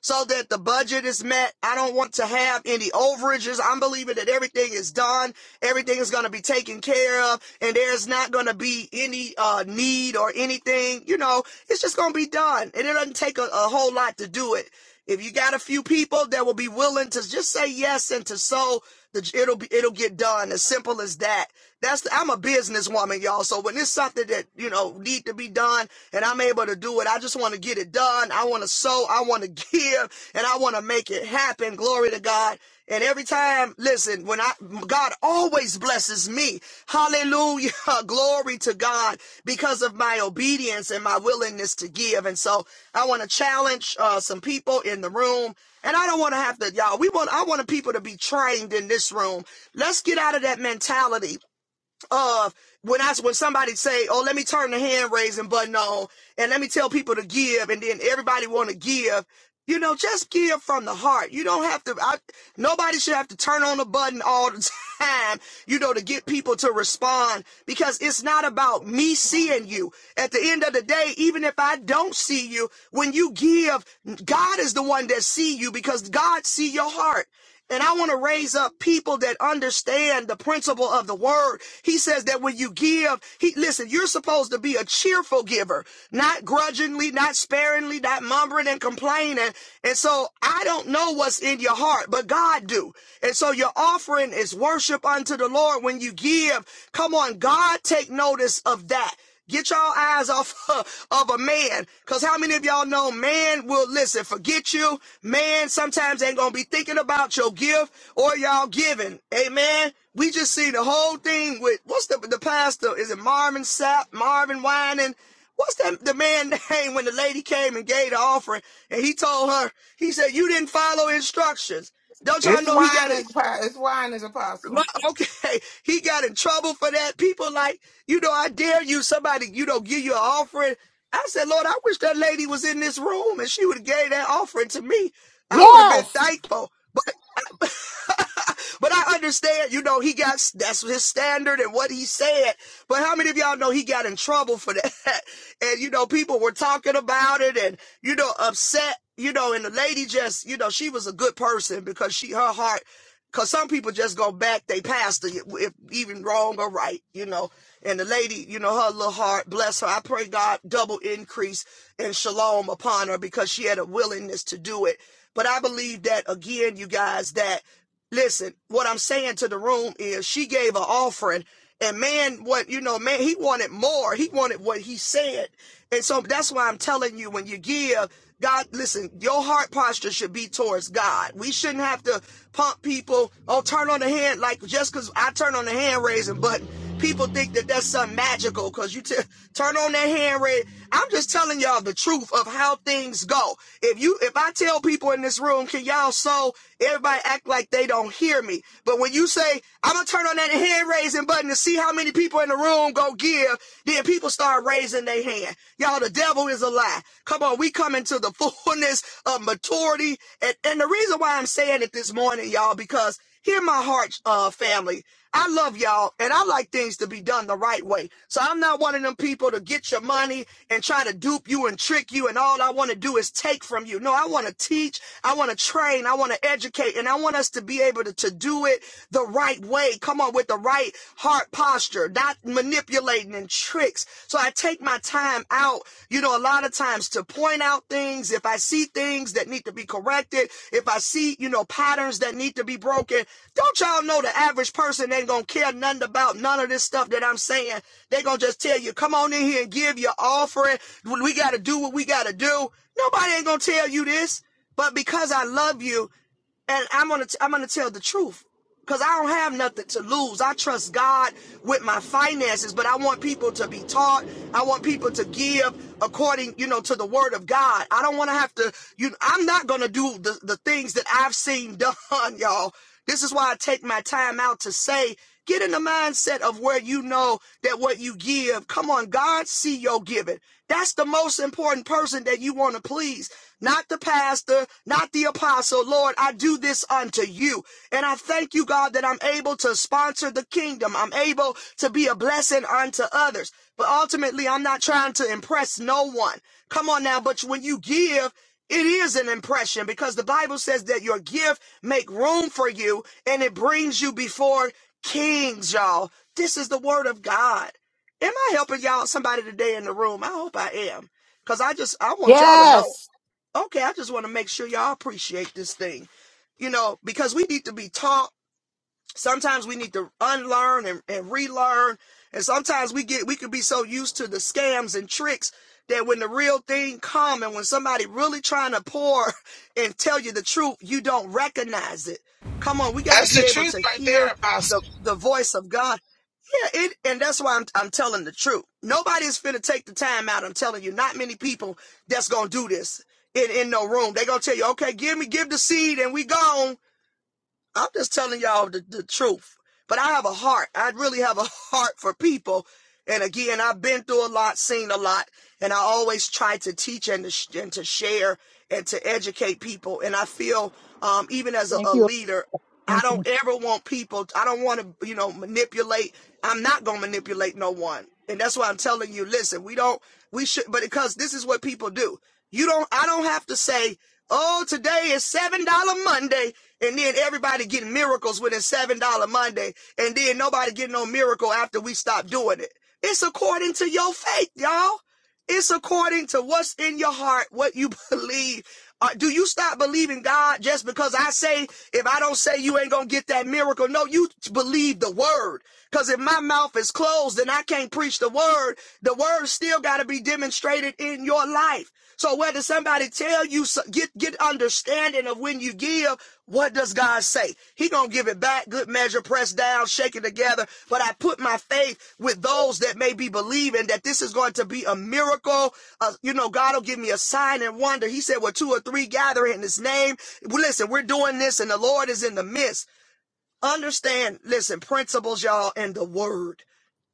so that the budget is met. I don't want to have any overages. I'm believing that everything is done, everything is going to be taken care of, and there's not going to be any uh, need or anything. You know, it's just going to be done. And it doesn't take a, a whole lot to do it. If you got a few people that will be willing to just say yes and to sow, it'll be it'll get done. As simple as that. That's the, I'm a businesswoman, y'all. So when it's something that you know need to be done, and I'm able to do it, I just want to get it done. I want to sow, I want to give, and I want to make it happen. Glory to God. And every every time, listen, when I, God always blesses me. Hallelujah. Glory to God because of my obedience and my willingness to give. And so I want to challenge uh, some people in the room. And I don't want to have to, y'all, we want, I want people to be trained in this room. Let's get out of that mentality of when I when somebody say, "Oh, let me turn the hand raising button on and let me tell people to give," and then everybody want to give. You know, just give from the heart. You don't have to. I, nobody should have to turn on the button all the time. You know, to get people to respond because it's not about me seeing
morning.
you. At the end of the day, even if I don't see you, when you give, God is the one that see you because God see your heart. And I want to raise up people that understand the principle of the word. He says that when you give, he listen, you're supposed to be a cheerful giver, not grudgingly, not sparingly, not mumbling and complaining. And so I don't know what's in your heart, but God do. And so your offering is worship unto the Lord when you give. Come on, God take notice of that. Get y'all eyes off of a man. Cause how many of y'all know man will listen, forget you. Man sometimes ain't gonna be thinking about your gift or y'all giving. Amen. We just see the whole thing with what's the the pastor? Is it Marvin Sapp, Marvin Wining? What's that the man name when the lady came and gave the offering and he told her, he said, You didn't follow instructions. Don't y'all
It's
know he got
wine
a,
is it's wine is
my,
apostle.
okay, he got in trouble for that. People like, you know, I dare you, somebody, you know, give you an offering. I said, Lord, I wish that lady was in this room and she would have gave that offering to me. I would have been
Yes.
thankful. But, but I understand, you know, he got, that's his standard and what he said. But how many of y'all know he got in trouble for that? And, you know, people were talking about it and, you know, upset, you know, and the lady just, you know, she was a good person because she, her heart Cause some people just go back, they pastor, if even wrong or right, you know. And the lady, you know, her little heart, bless her. I pray God double increase and shalom upon her because she had a willingness to do it. But I believe that again, you guys, that listen, what I'm saying to the room is she gave an offering and man, what you know, man, he wanted more. He wanted what he said. And so that's why I'm telling you when you give, God, listen, your heart posture should be towards God. We shouldn't have to pump people or turn on the hand like just because I turn on the hand raising button. People think that that's something magical because you t- turn on that hand red. I'm just telling y'all the truth of how things go. If you, if I tell people in this room, can y'all sew? Everybody act like they don't hear me. But when you say, I'm gonna turn on that hand raising button to see how many people in the room go give, then people start raising their hand. Y'all, the devil is a lie. Come on, we come into the fullness of maturity. And, and the reason why I'm saying it this morning, y'all, because Hear my heart, uh, family. I love y'all and I like things to be done the right way. So I'm not one of them people to get your money and try to dupe you and trick you. And all I want to do is take from you. No, I want to teach. I want to train. I want to educate and I want us to be able to, to do it the right way. Come on with the right heart posture, not manipulating and tricks. So I take take my time out, you know, a lot of times to point out things. If I see things that need to be corrected, if I see, you know, patterns that need to be broken, don't y'all know the average person ain't gonna care nothing about none of this stuff that I'm saying. They gonna just tell you, come on in here and give your offering. We gotta do what we gotta do. Nobody ain't gonna tell you this. But because I love you and I'm gonna i I'm gonna tell the truth because I don't have nothing to lose. I trust God with my finances, but I want people to be taught. I want people to give according, you know, to the word of God. I don't want to have to. You, know, I'm not gonna do the the things that I've seen done, y'all. This is why I take my time out to say. Get in the mindset of where you know that what you give, come on, God see your giving. That's the most important person that you want to please, not the pastor, not the apostle. Lord, I do this unto you. And I thank you, God, that I'm able to sponsor the kingdom. I'm able to be a blessing unto others. But ultimately, I'm not trying to impress no one. Come on now, but when you give, it is an impression because the Bible says that your gift make room for you and it brings you before Kings, y'all. This is the word of God. Am I helping y'all somebody today in the room? I hope I am. Cause I just I want y'all to know.
Yes.
Okay, I just want to make sure y'all appreciate this thing. You know, because we need to be taught Sometimes we need to unlearn and, and relearn. And sometimes we get we could be so used to the scams and tricks that when the real thing come and when somebody really trying to pour and tell you the truth, you don't recognize it. Come on, we got to
That's the
be able
truth
to
right
hear
there,
the the voice of God. Yeah, it and that's why I'm I'm telling the truth. Nobody's finna take the time out. I'm telling you, not many people that's gonna do this in in no room. They gonna tell you, okay, give me give the seed and we gone I'm just telling y'all the, the truth. But I have a heart. I really have a heart for people. And again, I've been through a lot, seen a lot, and I always try to teach and to, sh- and to share and to educate people. And I feel, um, even as a,
Thank
a
you.
leader, I
Thank
don't
you,
ever want people, I don't want to, you know, manipulate. I'm not going to manipulate no one. And that's why I'm telling you, listen, we don't, we should, but because this is what people do. You don't I don't have to say, oh, today is seven dollar Monday, and then everybody getting miracles within seven dollar Monday, and then nobody getting no miracle after we stop doing it. It's according to your faith, y'all. It's according to what's in your heart, what you believe. Uh, do you stop believing God just because I say, if I don't say you ain't gonna get that miracle? No, you believe the word. Cause if my mouth is closed and I can't preach the word, the word still gotta be demonstrated in your life. So whether somebody tell you so- get get understanding of when you give, what does God say? He gonna give it back, good measure, pressed down, shaken together. But I put my faith with those that may be believing that this is going to be a miracle. Uh, you know, God will give me a sign and wonder. He said, "Well, two or three gather in His name." Well, listen, we're doing this, and the Lord is in the midst. Understand, listen, principles, y'all, and the Word.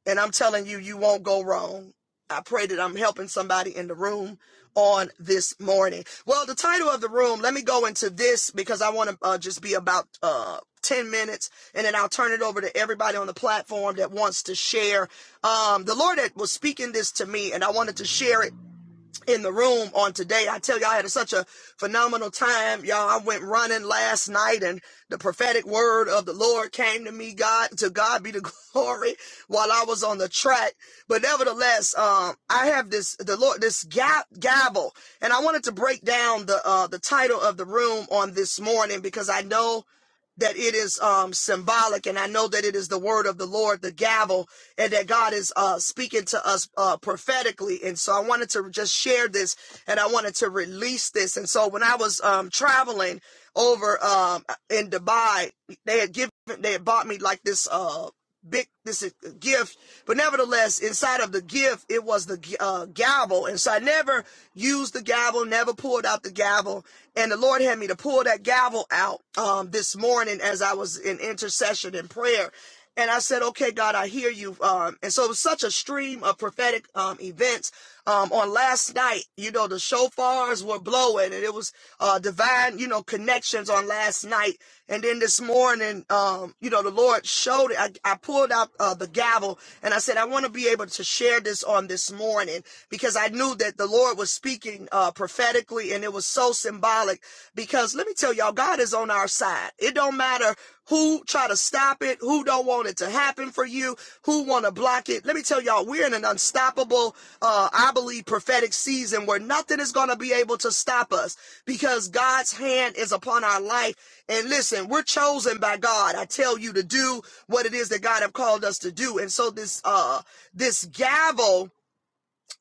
And I'm telling you, you won't go wrong. I pray that I'm helping somebody in the room on this morning. Well, the title of the room, let me go into this because I want to uh, just be about uh, 10 minutes and then I'll turn it over to everybody on the platform that wants to share. Um, the Lord had- was speaking this to me and I wanted to share it in the room on today. I tell you, I had such a phenomenal time. Y'all, I went running last night and the prophetic word of the Lord came to me. God, to God be the glory while I was on the track. But nevertheless, um, I have this, the Lord, this gap, gavel, and I wanted to break down the, uh, the title of the room on this morning because I know that it is um, symbolic, and I know that it is the word of the Lord, the gavel, and that God is uh, speaking to us uh, prophetically. And so I wanted to just share this, and I wanted to release this. And so when I was um, traveling over um, in Dubai, they had given, they had bought me like this. uh, big this is a gift but nevertheless inside of the gift it was the uh, gavel and so i never used the gavel never pulled out the gavel and the lord had me to pull that gavel out um, this morning as i was in intercession and prayer and i said okay god i hear you um, and so it was such a stream of prophetic um, events um, on last night, you know, the shofars were blowing and it was uh, divine, you know, connections on last night. And then this morning, um, you know, the Lord showed it. I, I pulled out uh, the gavel and I said, I want to be able to share this on this morning because I knew that the Lord was speaking uh, prophetically and it was so symbolic because let me tell y'all, God is on our side. It don't matter who try to stop it, who don't want it to happen for you, who want to block it. Let me tell y'all, we're in an unstoppable, uh, I believe, prophetic season where nothing is going to be able to stop us because God's hand is upon our life. And listen, we're chosen by God. I tell you to do what it is that God have called us to do. And so this, uh, this gavel,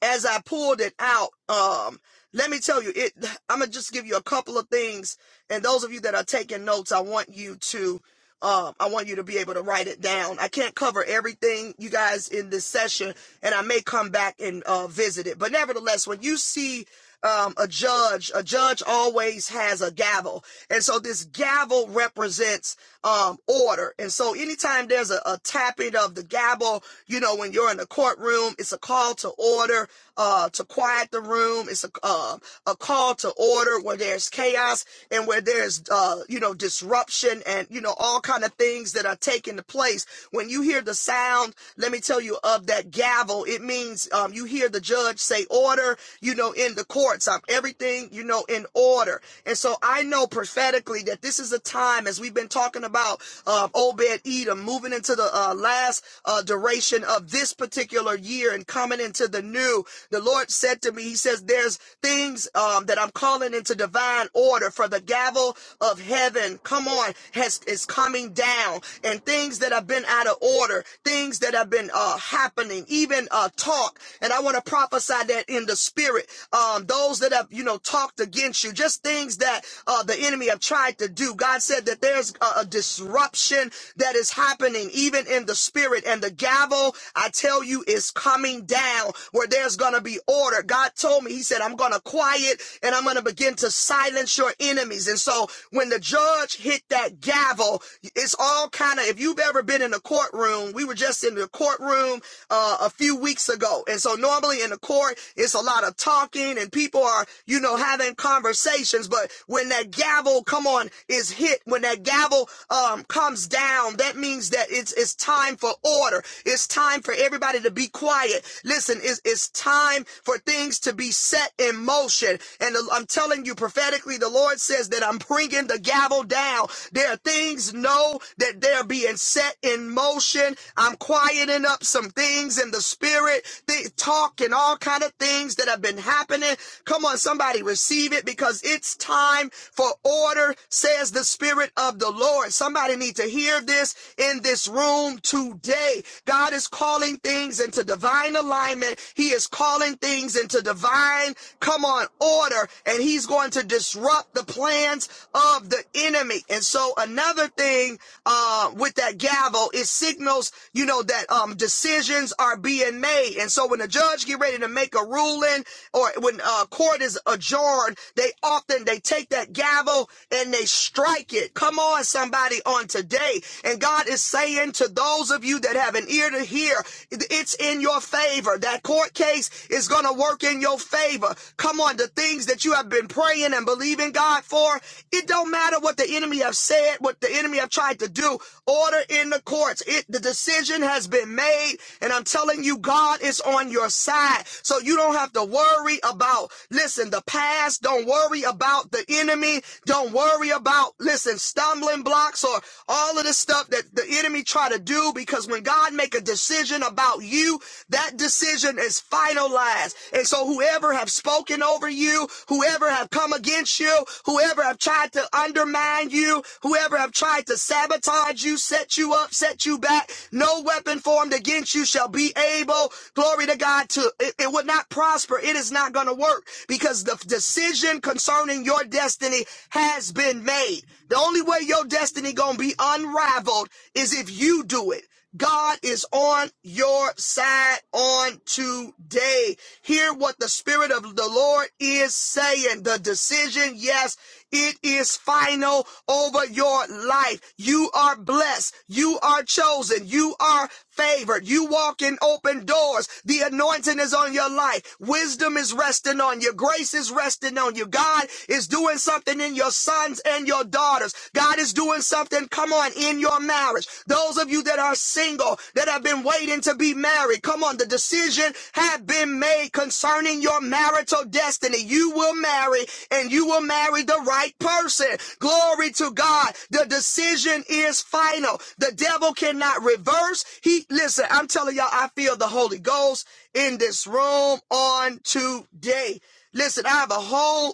as I pulled it out, um, let me tell you, it, I'm going to just give you a couple of things. And those of you that are taking notes, I want you to, um, I want you to be able to write it down. I can't cover everything, you guys, in this session, and I may come back and uh, visit it. But nevertheless, when you see um, a judge, a judge always has a gavel. And so this gavel represents um, order. And so anytime there's a, a tapping of the gavel, you know, when you're in the courtroom, it's a call to order, uh, to quiet the room. It's a, uh, a call to order where there's chaos and where there's, uh, you know, disruption and, you know, all kind of things that are taking place. When you hear the sound, let me tell you, of that gavel, it means um, you hear the judge say order, you know, in the courts, um, everything, you know, in order. And so I know prophetically that this is a time, as we've been talking about uh, Obed Edom, moving into the uh, last uh, duration of this particular year and coming into the new. The Lord said to me, He says, There's things um, that I'm calling into divine divine order for the gavel of heaven. Come on, has is coming down and things that have been out of order, things that have been uh, happening, even uh, talk. And I want to prophesy that in the spirit, um, those that have you know talked against you, just things that uh, the enemy have tried to do. God said that there's a, a disruption that is happening even in the spirit, and the gavel I tell you is coming down where there's gonna be order. God told me, He said, I'm gonna quiet and I'm going to begin to silence your enemies. And so when the judge hit that gavel, it's all kind of, if you've ever been in a courtroom, we were just in the courtroom uh, a few weeks ago. And so normally in the court, it's a lot of talking and people are, you know, having conversations. But when that gavel, come on, is hit, when that gavel um, comes down, that means that it's, it's time for order. It's time for everybody to be quiet. Listen, it's, it's time for things to be set in motion. And I'm telling you prophetically, the Lord says that I'm bringing the gavel down. There are things, know that they're being set in motion. I'm quieting up some things in the spirit, th- talk and all kind of things that have been happening. Come on, somebody receive it because it's time for order, says the spirit of the Lord. Somebody need to hear this in this room today. God is calling things into divine divine alignment. He is calling things into divine, come on, order, and he's going to disrupt the plans of the enemy. And so another thing, uh, with that gavel, it signals, you know, that, um, decisions are being made. And so when a judge get ready to make a ruling or when, uh, court is adjourned, they often, they take that gavel and they strike it. Come on, somebody on today. And God is saying to those of you that have an ear to hear. It's in your favor. That court case is going to work in your favor. Come on, the things that you have been praying and believing God for, it don't matter what the enemy have said, what the enemy have tried to do. Order in the courts. It the decision has been made, and I'm telling you, God is on your side. So you don't have to worry about listen, the past. Don't worry about the enemy. Don't worry about listen, stumbling blocks or all of the stuff that that the enemy try to do because when God make a decision about you, that decision is finalized. And so whoever have spoken over you, whoever have come against you, whoever have tried to undermine you, whoever have tried to sabotage you, set you up, set you back, no weapon formed against you shall be able, glory to God, to it, it would not prosper. It is not going to work because the decision concerning your destiny has been made. The only way your destiny gonna be unraveled is if you do it. God is on your side on today. Hear what the Spirit of the Lord is saying. The decision, yes, it is final over your life. You are blessed. You are chosen. You are favored. You walk in open doors. The anointing is on your life. Wisdom is resting on you. Grace is resting on you. God is doing something in your sons and your daughters. God is doing something, come on, in your marriage. Those of you that are single, that have been waiting to be married, come on, the decision has been made concerning your marital destiny. You will marry and you will marry the right person. Glory to God. The decision is final. The devil cannot reverse. He, listen, I'm telling y'all, I feel the Holy Ghost in this room on today. Listen, I have a whole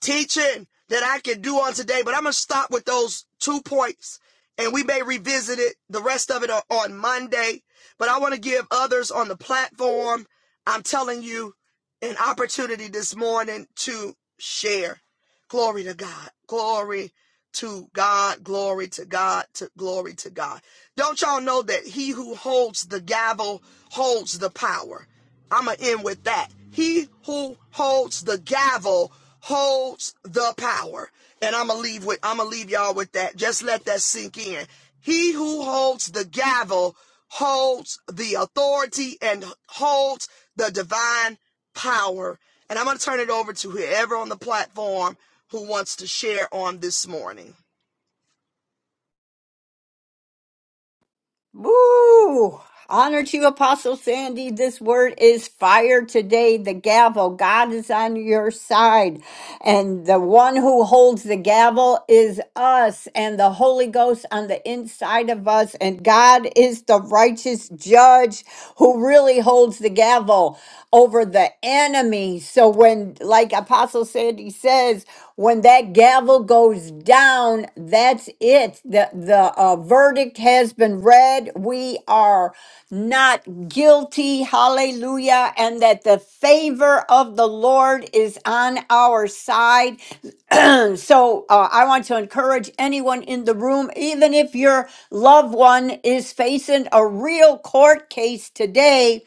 teaching that I can do on today, but I'm going to stop with those two points and we may revisit it, the rest of it on, Monday. But I want to give others on the platform, I'm telling you, an opportunity this morning to share. Glory to God. Glory to God. Glory to God. To glory to God. Don't y'all know that he who holds the gavel holds the power? I'm going to end with that. He who holds the gavel holds the power. And I'm going to leave with I'm going to leave y'all with that. Just let that sink in. He who holds the gavel holds the authority and holds the divine power. And I'm going to turn it over to whoever on the platform who wants to share on this morning.
Woo! Honor to you, Apostle Sandy. This word is fire today. The gavel. God is on your side. And the one who holds the gavel is us and the Holy Ghost on the inside of us. And God is the righteous judge who really holds the gavel over the enemy. So when, like Apostle Sandy says, when that gavel goes down, that's it. The the uh, verdict has been read. We are not guilty. Hallelujah! And that the favor of the Lord is on our side. And so uh, I want to encourage anyone in the room, even if your loved one is facing a real court case today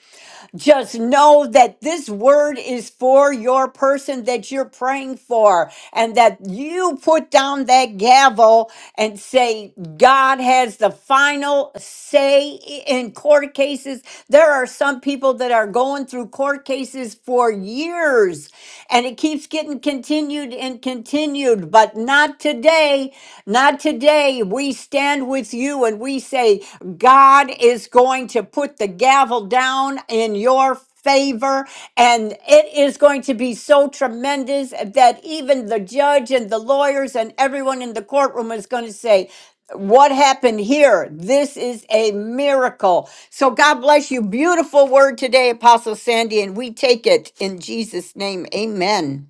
just know that this word is for your person that you're praying for, and that you put down that gavel and say, God has the final say in court cases. There are some people that are going through court cases for years, and it keeps getting continued and continued, but not today. Not today. We stand with you and we say, God is going to put the gavel down in your favor and it is going to be so tremendous that even the judge and the lawyers and everyone in the courtroom is going to say what happened here this is a miracle so God bless you. Beautiful word today, Apostle Sandy, and we take it in Jesus' name. Amen.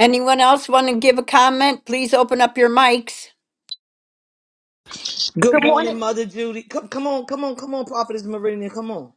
Anyone else want to give a comment? Please open up your mics.
Good
Good
morning,
morning.
Mother Judy. Come, come on, come on, come on, Prophetess Meridian. Come on.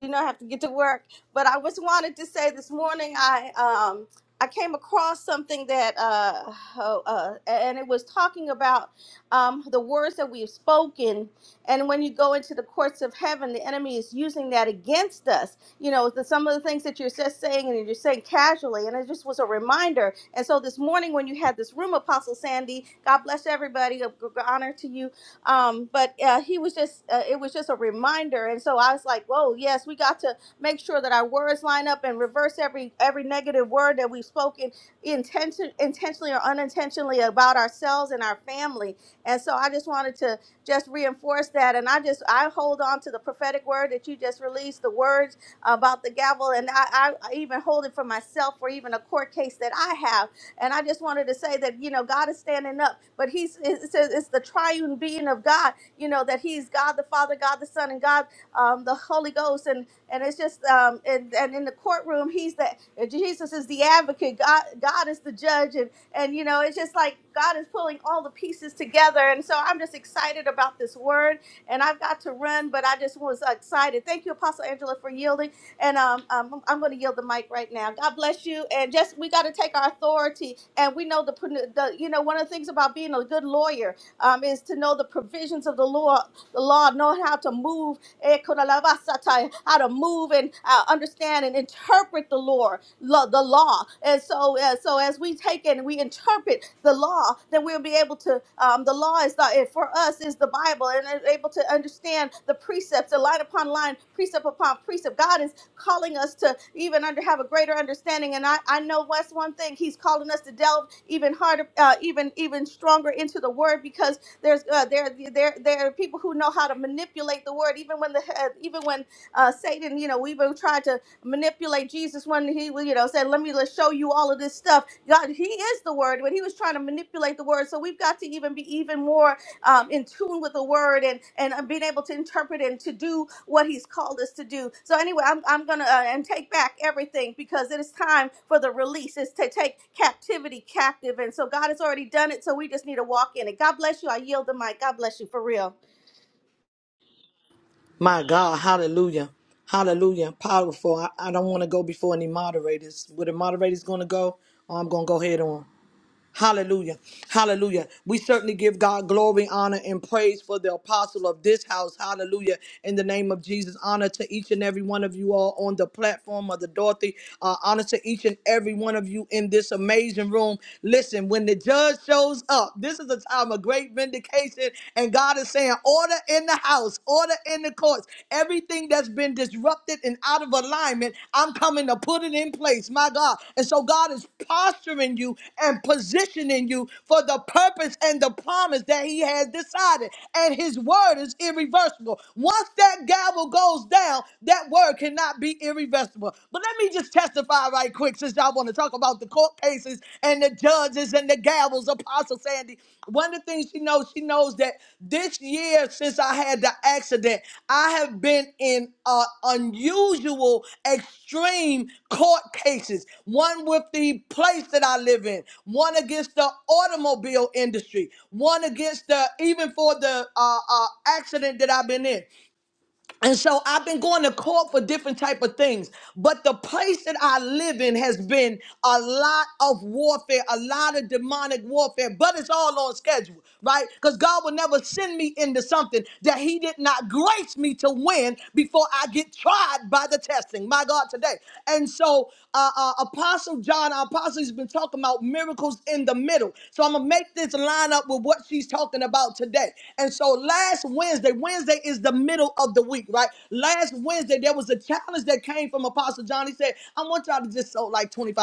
You know, I have to get to work, but I just wanted to say this morning I um I came across something that uh, oh, uh and it was talking about um the words that we've spoken, and when you go into the courts of heaven, the enemy is using that against us. You know, the, some of the things that you're just saying and you're saying casually, and it just was a reminder. And so this morning when you had this room, Apostle Sandy, God bless everybody, honor to you um, but uh, he was just uh, it was just a reminder and so i was like whoa yes we got to make sure that our words line up and reverse every every negative word that we've spoken intention intentionally or unintentionally about ourselves and our family and so i just wanted to just reinforce that and i just i hold on to the prophetic word that you just released the words about the gavel and i, I even hold it for myself for even a court case that i have and I just wanted to say that, you know, God is standing up, but he's, it says it's the triune being of God, you know, that he's God the Father, God the Son, and God um, the Holy Ghost. And and it's just, um, and, and in the courtroom, he's the, Jesus is the advocate, God, God is the judge. And, and, you know, it's just like God is pulling all the pieces together. And so I'm just excited about this word. And I've got to run, but I just was excited. Thank you, Apostle Angela, for yielding. And um, um, I'm going to yield the mic right now. God bless you. And just we got to take our authority. And we know the, the you know one of the things about being a good lawyer um, is to know the provisions of the law, the law, knowing how to move, eh, kodalabasata, how to move and uh, understand and interpret the law, lo- the law. And so, uh, so so as we take it and we interpret the law, then we'll be able to. Um, the law is the, eh, for us is the Bible, and is able to understand the precepts, and line upon line, precept upon precept. God is calling us to even under have a greater understanding. And I, I know that's one thing. He's calling us to delve even harder, uh, even even stronger into the Word because there's uh, there there there are people who know how to manipulate the Word, even when the uh, even when uh, Satan, you know, we even tried to manipulate Jesus when he, well, you know, said, "Let me let's show you all of this stuff." God, He is the Word, but He was trying to manipulate the Word. So we've got to even be even more um, in tune with the Word and and uh, being able to interpret and to do what He's called us to do. So anyway, I'm I'm gonna uh, and take back everything because it is time for the release. It's to take captivity captive, and so God has already done it. So we just need to walk in it. God bless you. I yield the mic. God bless you for real.
My God, hallelujah. Hallelujah. Powerful. I, I don't want to go before any moderators. Where the moderator's going to go, oh, I'm going to go head on. Hallelujah. Hallelujah. We certainly give God glory, honor, and praise for the apostle of this house. Hallelujah. In the name of Jesus, honor to each and every one of you all on the platform of the Dorothy. Uh, honor to each and every one of you in this amazing room. Listen, when the judge shows up, this is a time of great vindication, and God is saying, Order in the house, order in the courts. Everything that's been disrupted and out of alignment, I'm coming to put it in place, my God. And so God is posturing you and positioning you for the purpose and the promise that He has decided. And His word is irreversible. Once that gavel goes down, that word cannot be irreversible. But let me just testify right quick since y'all want to talk about the court cases and the judges and the gavels. Apostle Sandy, one of the things she knows, she knows that this year since I had the accident, I have been in uh, unusual, extreme court cases. One with the place that I live in, one against the automobile industry, one against the even for the uh, uh, accident that I've been in and so i've been going to court for different type of things but the place that i live in has been a lot of warfare a lot of demonic warfare but it's all on schedule right because god will never send me into something that he did not grace me to win before i get tried by the testing my god today and so uh, uh, apostle john our apostle has been talking about miracles in the middle so i'm gonna make this line up with what she's talking talking about today. And so last Wednesday, Wednesday is the middle of the week, right? Last Wednesday, there was a challenge that came from Apostle John. He said, I want y'all to just sold like $25.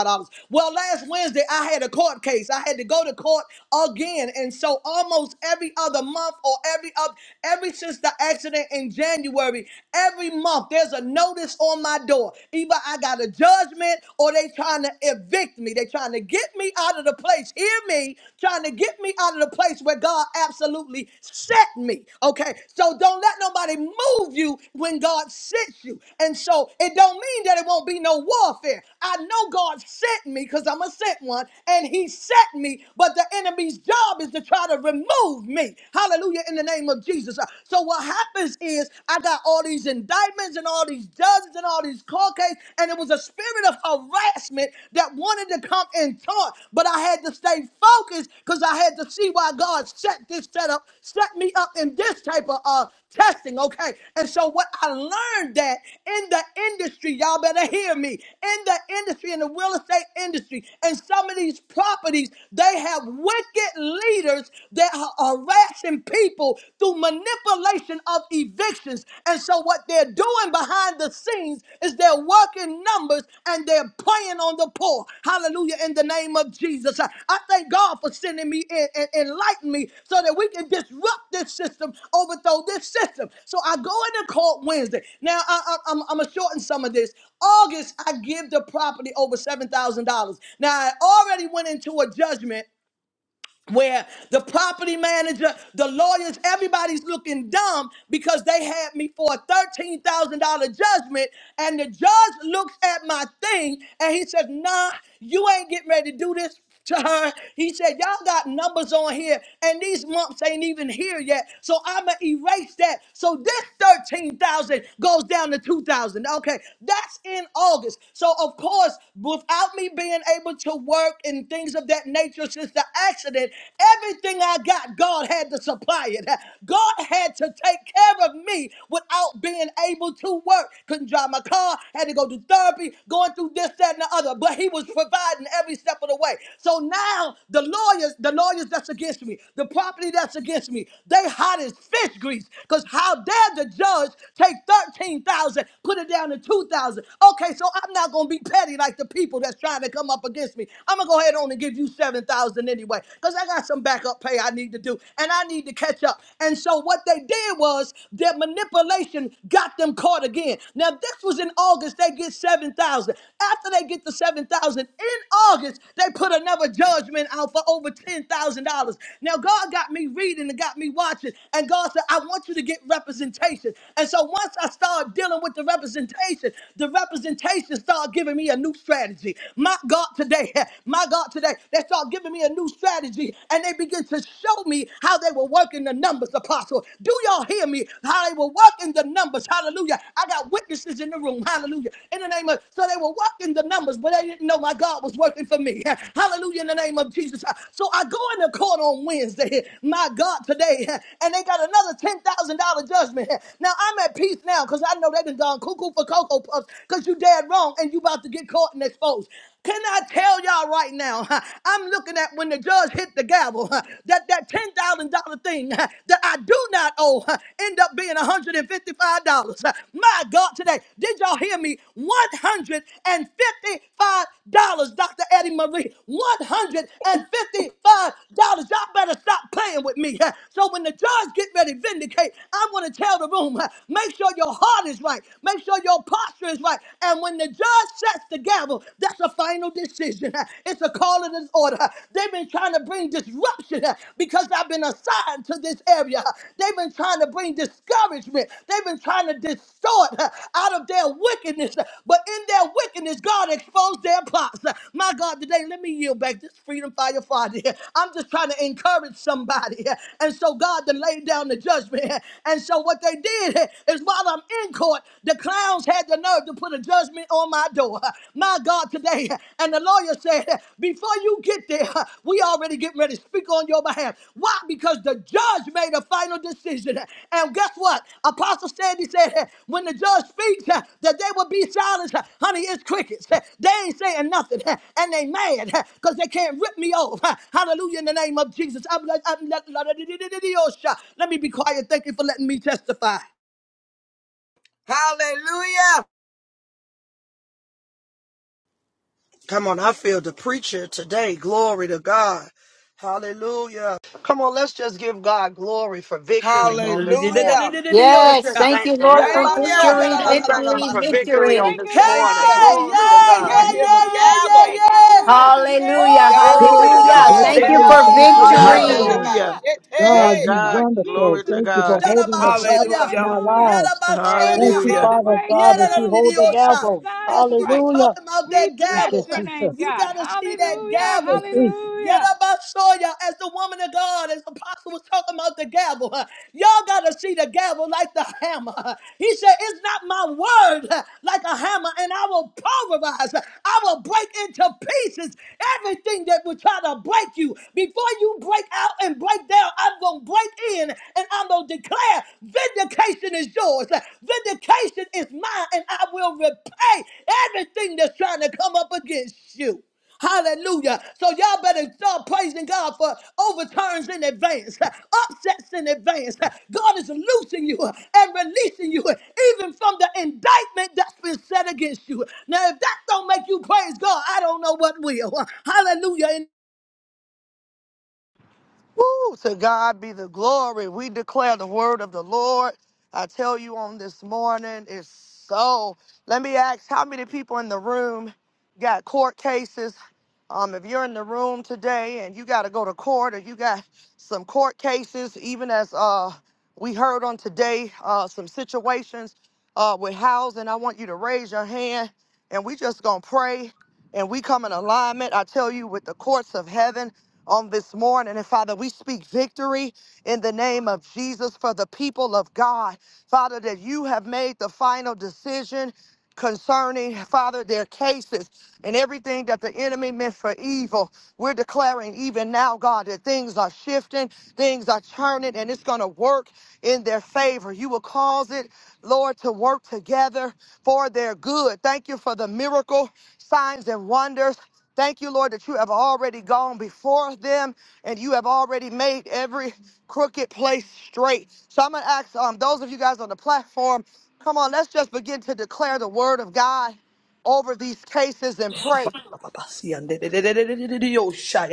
Well, last Wednesday, I had a court case. I had to go to court again. And so almost every other month or every up, every since the accident in January, every month there's a notice on my door. Either I got a judgment or they trying to evict me. They trying trying to get me out of the place. Hear me, trying to get me out of the place where God absolutely set me. Okay, so don't let nobody move you when God sets you. And so it don't mean that it won't be no warfare. I know God sent me because I'm a sent one, and He set me. But the enemy's job is to try to remove me. Hallelujah! In the name of Jesus. So what happens is I got all these indictments and all these judges guns and all these car cases, and it was a spirit of harassment that wanted to come and taunt. But I had to stay focused because I had to see why God set this setup, set me up in this type of uh, testing, okay? And so what I learned that in the industry, y'all better hear me, in the industry, in the real estate industry, and some of these properties, they have wicked leaders that are harassing people through manipulation manipulation of evictions. And so, what they're doing behind the scenes is they're working numbers and they're playing on the poor. Hallelujah, in the name of Jesus. I, I thank God for sending me in and enlighten me so that we can disrupt this system, overthrow this system. So, I go into court Wednesday. Now, I, I, I'm, I'm going to shorten some of this. August, I give the property over $7,000. Now, I already went into a judgment where the property manager, the lawyers, everybody's looking dumb because they had me for a $13,000 judgment. And the judge looks at my thing and he says, Nah, you ain't getting ready to do this to her. He said, Y'all got numbers on here, and these months ain't even here yet. So I'ma erase that. So this 13,000 goes down to 2,000. Okay, that's in August. So of course, without me being able to work and things of that nature nature since the accident. Everything I got, God had to supply it. God had to take care of me without being able to work. Couldn't drive my car, had to go to therapy, going through this, that, and the other. But He was providing every step of the way. So now the lawyers, the lawyers that's against me, the property that's against me, they hot as fish grease. Because how dare the judge take 13,000, put it down to 2,000. Okay, so I'm not going to be petty like the people that's trying to come up against me. I'm gonna go ahead on and give you seven thousand anyway, because I got some backup pay I need to do, and I need to catch up. And so what they did was their manipulation got them caught again. Now this was in August. They get seven thousand. After they get the seven thousand in August, they put another judgment out for over ten thousand dollars. Now God got me reading and got me watching, and God said, I want you to get representation. And so once I started dealing with the representation, the representation started giving me a new strategy strategy. My God, today, my God, today, they start giving me a new strategy and they begin to show me how they were working the numbers, apostle. Do y'all hear me? How they were working the numbers. Hallelujah. I got witnesses in the room. Hallelujah. In the name of, so they were working the numbers, but they didn't know my God was working for me. Hallelujah. In the name of Jesus. So I go in the court on Wednesday, my God, today, and they got another $10,000 judgment. Now I'm at peace now because I know they done gone cuckoo for Cocoa Puffs because you dead wrong wrong and you about to get caught and exposed. Can I tell y'all right now? huh, I'm looking at when the judge hit the gavel huh, that that ten thousand dollar thing huh, that I do not owe huh, end up being one hundred and fifty five dollars. Huh. My God, today did y'all hear me? One hundred and fifty five dollars, Dr. Eddie Marie. One hundred and fifty five dollars. Y'all better stop playing with me. huh. So when the judge get ready to vindicate, I'm gonna tell the room. huh, Make sure your heart is right. Make sure your posture is right. And when the judge sets the gavel, that's a final decision. It's a call of this order. They've been trying to bring disruption because I've been assigned to this area. They've been trying to bring discouragement. They've been trying to distort out of their wickedness. But in their wickedness, God exposed their plots. My God, today, let me yield back this freedom fire Friday. I'm just trying to encourage somebody. And so God to lay down the judgment. And so what they did is while I'm in. Supreme Court, the clowns had the nerve to put a judgment on my door. My God, today. And the lawyer said, Before you get there, we already getting ready to speak on your behalf. Why? Because the judge made a final decision. And guess what? Apostle Sandy said, When the judge speaks, that they will be silent. Honey, it's crickets. They ain't saying nothing. And they mad because they can't rip me off. Hallelujah in the name of Jesus. I'm like, I'm like, let me be quiet. Thank you for letting me testify.
Hallelujah.
Come on, I feel the preacher today. Glory to God. Hallelujah. Come on, let's just give God glory for victory on this morning.
Hallelujah.
Let's just
Yosha.
thank the
Thank
Lord.
you.
Hallelujah.
Let's thank Him for
The
victory on
Yay.
breaker's
this
Thank
morning.
you.
Hey,
anointing.
Glory to
yeah,
God.
I
yeah,
hear the
yeah,
Hallelujah.
yeah, yeah,
gavel.
Breaking through
yeah.
every barrier and
Thank
Yando
Glory to
bo
limitation
you,
of
God.
the
shandele
Oh,
Reba
Lord.
enemy.
bo
Thank you,
Sunday
Lord
sianda
hey.
da
God.
ba
Hallelujah.
Hallelujah.
Yes,
God,
Thank
shete.
you,
you
God.
Lord
wonderful.
Glory to
Jesus.
Thank you
We
God.
for
bless
holding
you,
the
Lord.
Shadabasoya.
gavel in
Hallelujah.
our
Hallelujah.
lives.
I
Thank
Thank
Yadabasoya.
you
you,
for
receive
Hallelujah.
the
it.
Father God, that you
breakthrough,
hold the
being on
Yadadadadidiosa.
the
gavel.
side
As
of the
she was
righteous.
Hallelujah.
talking about that
We
Thank
bless
you,
gavel,
your name,
Jesus.
you
God.
gotta see that
Hallelujah.
gavel.
It's Jesus.
Hallelujah.
Yadabasoya, as the woman of God, as apostle was talking about the gavel, y'all gotta see the gavel like the hammer. He said, It's not my word like a hammer, and I will pulverize, I will break into pieces everything that will try to break you before you break out and and break down. I'm going to break in and I'm going to declare vindication is yours. Vindication is mine and I will repay everything that's trying to come up against you. Hallelujah. So y'all better start praising God for overturns in advance, upsets in advance. God is loosing you and releasing you even from the indictment that's been set against you. Now, if that don't make you praise God, I don't know what will. Hallelujah.
Woo, to God be the glory. We declare the word of the Lord. I tell you on this morning it's so. Let me ask how many people in the room got court cases? Um, if you're in the room today and you got to go to court or you got some court cases, even as uh, we heard on today, uh, some situations uh, with housing, I want you to raise your hand and we just going to pray and we come in alignment, I tell you, with the courts of heaven on this morning. And Father, we speak victory in the name of Jesus for the people of God. Father, that you have made the final decision concerning, Father, their cases and everything that the enemy meant for evil. We're declaring even now, God, that things are shifting, things are turning, and it's going to work in their favor. You will cause it, Lord, to work together for their good. Thank you for the miracle, signs, and wonders Thank you, Lord, that you have already gone before them and you have already made every crooked place straight. So I'm going to ask um, those of you guys on the platform, come on, let's just begin to declare the word of God over these cases and pray.
Yada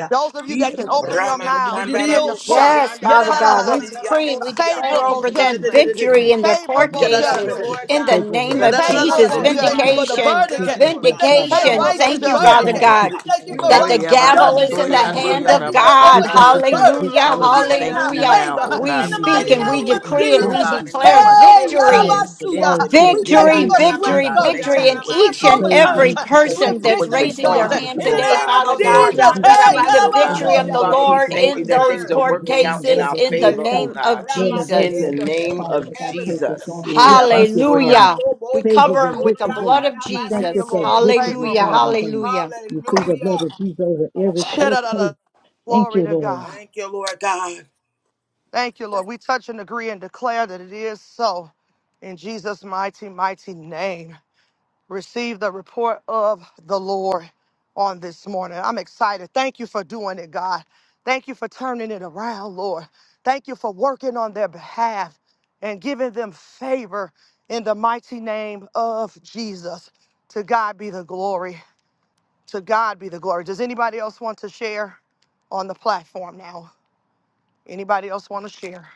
Those of you that can open your
Rama
mouths,
da
begin to
bo
pray.
Yes,
sorianda da
Father
Come
ba
on,
God, we
the
sete
decree and we
ramosia.
declare
favorable
over them
judgment,
victory
God.
in their
For
court
favorable
holding the
Thank
people.
you,
cases
judgment,
Lord
in the
God. The
Faithful
Yeah,
with
name
da, da,
of
victory,
da,
himself.
da,
Lord
da,
Jesus.
da.
favorable
God.
Right
We
You
with
thank
are
you
himself.
the
for
judgment,
the
just
Vindication,
protect
judge,
verdict.
us,
Lord
We
oh
God.
thank you
Father
for the
As
vindication.
you
God.
hit
favorable
righteous
Thank
the
you,
Lord
judgment.
verdict.
Father
God,
javel,
that
Lord
you
God,
We
God,
see
thank
all
you
you
the
for
that
got
the
the
righteous
Oya
great
baba
gavel
final
is
things,
judgments.
in
the
the
soya
word, Lord
We
righteous
hand
ndoya
God.
thank
of
you
things.
raba
for
We
God.
thank you
overturned
for this
verdicts,
Hallelujah,
uh,
to be
Father, we
in the
turning in
thank
our
you
family
hallelujah.
now,
favor
oh
uh,
Ramasiandarabosoria-darabasa.
of
We
in
God.
the
We
glorious
speak
thank
mighty
you
and
Case
for
life
we
name of
and
victory,
decree and
oh
we
overturned.
Jesus.
God,
possibly
in the
declare
Case
Father.
courthouse,
Hey,
oh God.
victory
Homes,
dismissed.
the
In
Yarabasuya.
wall
the
streets,
We
name
thank
of
you
whatever
victory,
it
for
Jesus,
may
oh
swift
be,
victory,
God.
Father
Thank
verdicts,
you
uh,
victory
for
God.
in
what you're
swift
each
And
doing,
and
Iandarabasoria-darabasa.
those who
God.
overturns,
every
need to
uh,
be
Thank you
person
swift
for
protected
that's
from
what you're
life,
victories,
raising
our
going
God.
their
uh,
to
Father
do,
hand
In the
oh
God,
today,
name
God.
of
Father
In the
those
God.
Yandarabosori,
who
name
Jesus.
of
need,
We
Hey,
speak
Father.
Jesus,
the
oh
yandarabase.
In
God.
the
victory of
name
the
Yarabasuya.
of
Father, we
Case
Jesus,
Lord
we
thank you
in
can
that
protect
those
things
overturned.
the
are
court
living
working
in
Case
out
the
in
world
cases
our
and
in
in
the
favor,
dismissed.
the
oh
sun.
name
God.
of
Lord,
Ramas
as they
In the
Jesus.
can have,
name
Father,
insufficient
of
that our faith
evidence.
is
Jesus.
going on. We
Yeah,
thank
Ramas
you, Father
Abasoya.
Hallelujah.
ikando
We cover
favorable
them with
boshotori,
the
victory.
blood of
We thank
Thank
yandarabase.
you
you,
Jesus.
for
Lord,
Hey,
for
victory,
Hallelujah.
favorable.
Father God.
Hallelujah.
We plead the blood
Hallelujah.
of Jesus over every court
Shadadada.
case.
Lord
Thank you,
God,
Lord.
Thank you, Lord God.
thank you, Lord. We touch and agree and declare that it is so. In Jesus' mighty, mighty name, receive the report of the Lord on this morning. I'm excited. Thank you for doing it, God. Thank you for turning it around, Lord. Thank you for working on their behalf and giving them favor in the mighty name of Jesus. To God be the glory. To God be the glory. Does anybody else want to share on the platform now? Anybody else want to share?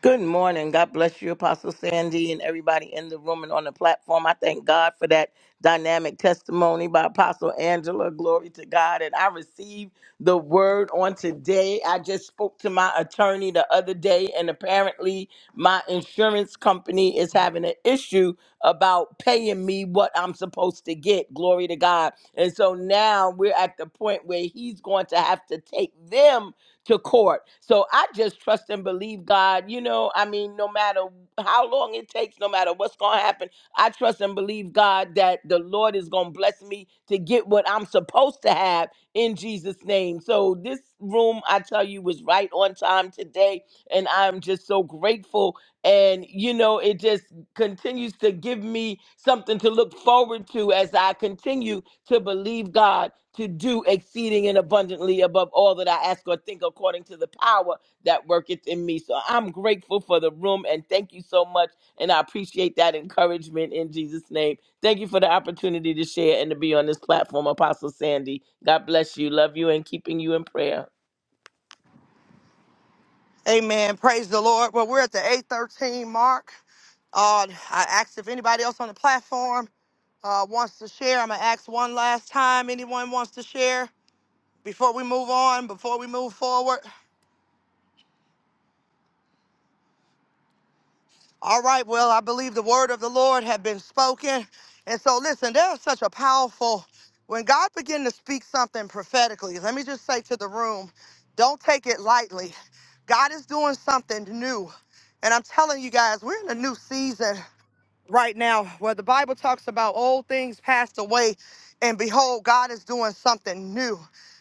Good morning. God bless you, Apostle Sandy, and everybody in the room and on the platform. I thank God for that dynamic testimony by Apostle Angela. Glory to God. And I received the word on today. I just spoke to my attorney the other day, and apparently, my insurance company is having an issue about paying me what I'm supposed to get. Glory to God. And so now we're at the point where he's going to have to take them to court. So I just trust and believe God. You know, I mean, no matter how long it takes, no matter what's going to happen, I trust and believe God that the Lord is going to bless me to get what I'm supposed to have in Jesus' name. So this room, I tell you, was right on time today. And I'm just so grateful. And, you know, it just continues to give me something to look forward to as I continue to believe God to do exceeding and abundantly above all that I ask or think according to the power that worketh in me. So I'm grateful for the room and thank you so much. And I appreciate that encouragement in Jesus' name. Thank you for the opportunity to share and to be on this platform, Apostle Sandy. God bless you. Love you and keeping you in prayer.
Amen. Praise the Lord. Well, we're at the 813 mark. Uh, I asked if anybody else on the platform uh, wants to share. I'm going to ask one last time. Anyone wants to share before we move on, before we move forward? All right. Well, I believe the word of the Lord had been spoken. And so, listen, there's such a powerful, when God begin to speak something prophetically, let me just say to the room, don't take it lightly. God is doing something new. And I'm telling you guys, we're in a new season. right now where the Bible talks about old things passed away and behold, God is doing something new.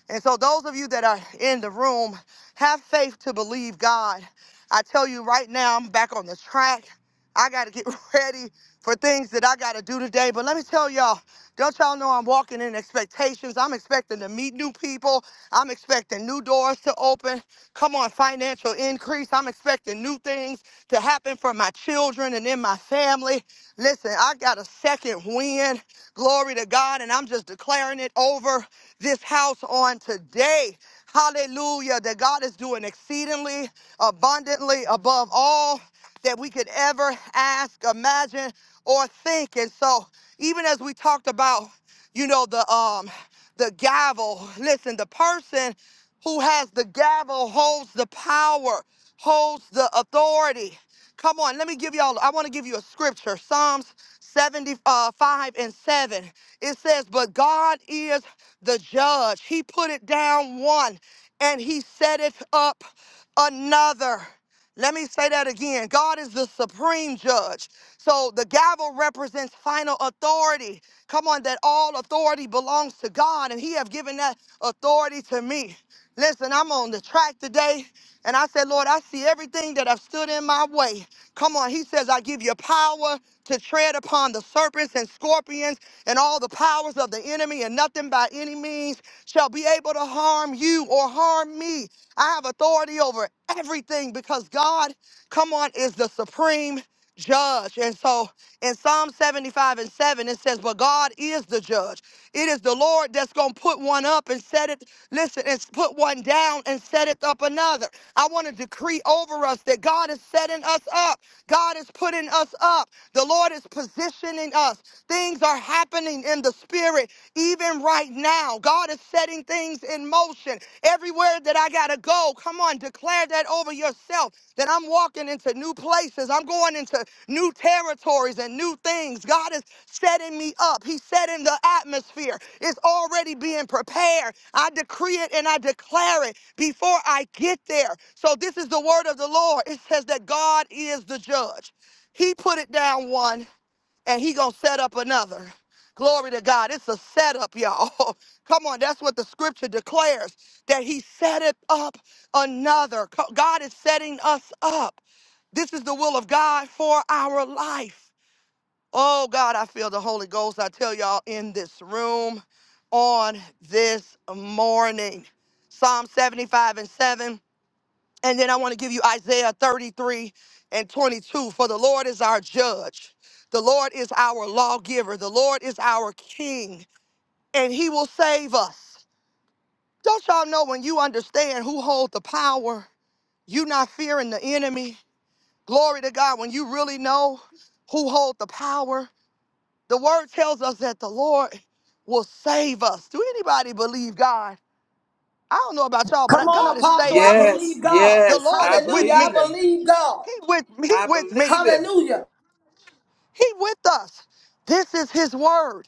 And so, those of you that are in the room, have faith to believe God. I tell you right now, I'm back on the track. I got to get ready for things that I got to do today. But let me tell y'all, don't y'all know I'm walking in expectations? I'm expecting to meet new people. I'm expecting new doors to open. Come on, financial increase. I'm expecting new things to happen for my children and in my family. Listen, I got a second win. Glory to God. And I'm just declaring it over this house on today. Hallelujah. That God is doing exceedingly abundantly above all that we could ever ask, imagine, or think. And so, even as we talked about, you know, the um the gavel, listen, the person who has the gavel holds the power, holds the authority. Come on, let me give y'all, I want to give you a scripture Psalms 75 and 7. It says, But God is the judge. He put it down one and he set it up another. Let me say that again. God is the supreme judge. So the gavel represents final authority. Come on, that all authority belongs to God, and He have given that authority to me. Listen, I'm on the track today, and I said, Lord, I see everything that have stood in my way. Come on, he says, I give you power to tread upon the serpents and scorpions and all the powers of the enemy, and nothing Things are happening in the spirit even right now. God is setting things in motion. Everywhere that I got to go, come on, declare that over yourself that I'm walking into new places. I'm going into new territories and new things. God is setting me up. He's setting the atmosphere. It's already being prepared. I decree it and I declare it before I get there. So this is the word of the Lord. It says that God is the judge. He put on whom the Lord You are- will
Come on,
God is
Apostle. I
saving me.
Yes,
believe God.
The
yes.
Lord
I
is with
Hallelujah. I
believe
me.
him.
believe God.
He with me. He
I
with me.
believe him.
Hallelujah.
He with us. This is His word.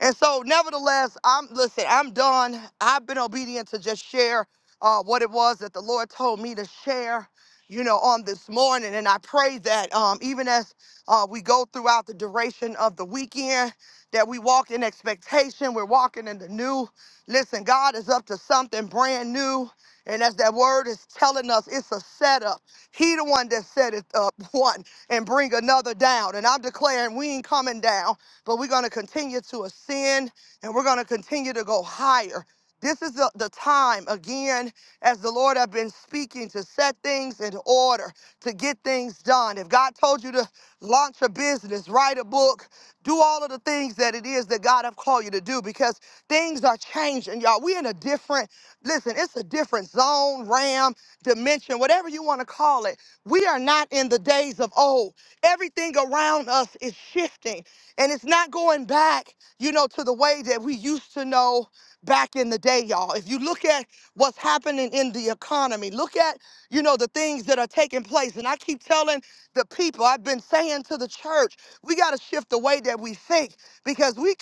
And so, nevertheless, I'm listen. I'm done. I've been obedient to just share uh, what it was that the Lord told me to share, you know, on this morning. And I pray that um, even as uh, we go throughout the duration of the weekend, that we walk in expectation. We're walking in the new. Listen, God is up to something brand new. And as that word is telling us, it's a setup. He the one that set it up one and bring another down. And I'm declaring we ain't coming down but we're going to continue to ascend and we're going to continue to go higher. This is the, the time, again, as the Lord have been speaking, to set things in order, to get things done. If God told you to launch a business, write a book, do all of the things that it is that God have called you to do, because things are changing, y'all. We're in a different, listen, it's a different zone, ram, dimension, whatever you want to call it. We are not in the days of old. Everything around us is shifting. And it's not going back, you know, to the way that we used to know back in the day, y'all. If you look at what's happening in the economy, look at, you know, the things that are taking place. And I keep telling the people, I've been saying to the church, we got to shift the we think. We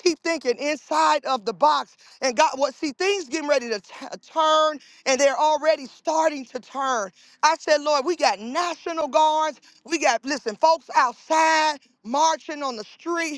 keep that box and got what see a turn and turn. I find we get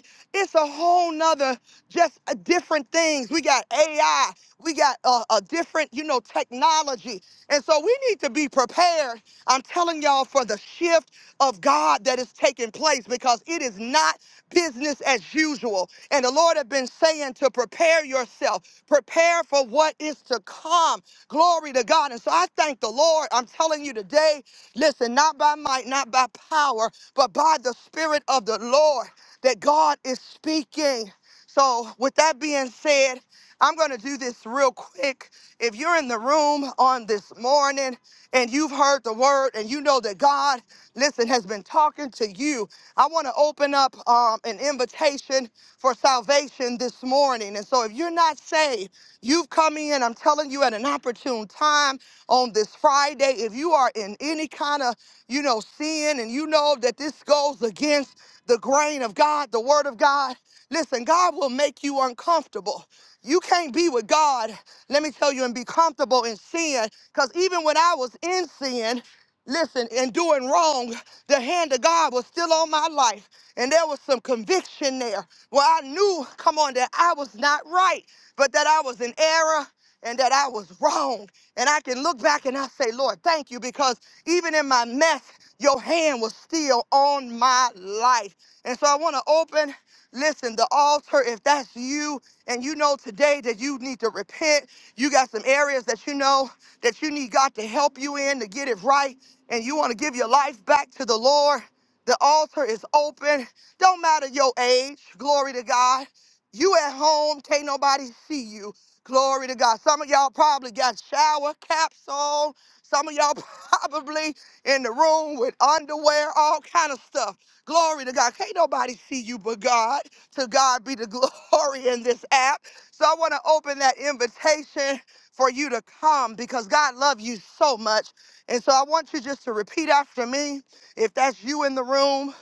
shift of God that is taking place because it is not business as usual. And the Lord have been saying to prepare yourself, prepare for what is to come. Glory to God. And so I thank the Lord. I'm telling you today, listen, not by might, not by power, but by the Spirit of the Lord that God is speaking. So, with that being said, I'm going to do this real quick. If you're in the room on this morning and you've heard the word and you know that God listen, has been talking to you. I want to open up um, an invitation for salvation this morning. And so if you're not saved, you've come in, I'm telling you, at an opportune time on this Friday. If you are in any kind of, you know, sin and you know that this goes against the grain of God, the word of God, listen, God will make you uncomfortable. You can't be with God, let me tell you, and be comfortable in sin. Because even when I was in sin, listen, and doing wrong, the hand of God was still on my life. And there was some conviction there where I knew, come on, that I was not right, but that I was in error and that I was wrong. And I can look back and I say, Lord, thank you, because even in my mess, your hand was still on my life. And so I want to open, listen, the altar. If that's you and you know today that you need to repent, you got some areas that you know that you need God to help you in to get it right and you want to give your life back to the Lord, the altar is open. Don't matter your age. Glory to God. You at home, can't nobody see you. Glory to God. Some of y'all probably got shower caps on. Some of y'all probably in the room with underwear, all kind of stuff. Glory to God. Can't nobody see you but God. To God be the glory in this app. So I want to open that invitation for you to come because God loves you so much. And so I want you just to repeat after me. If that's you in the room,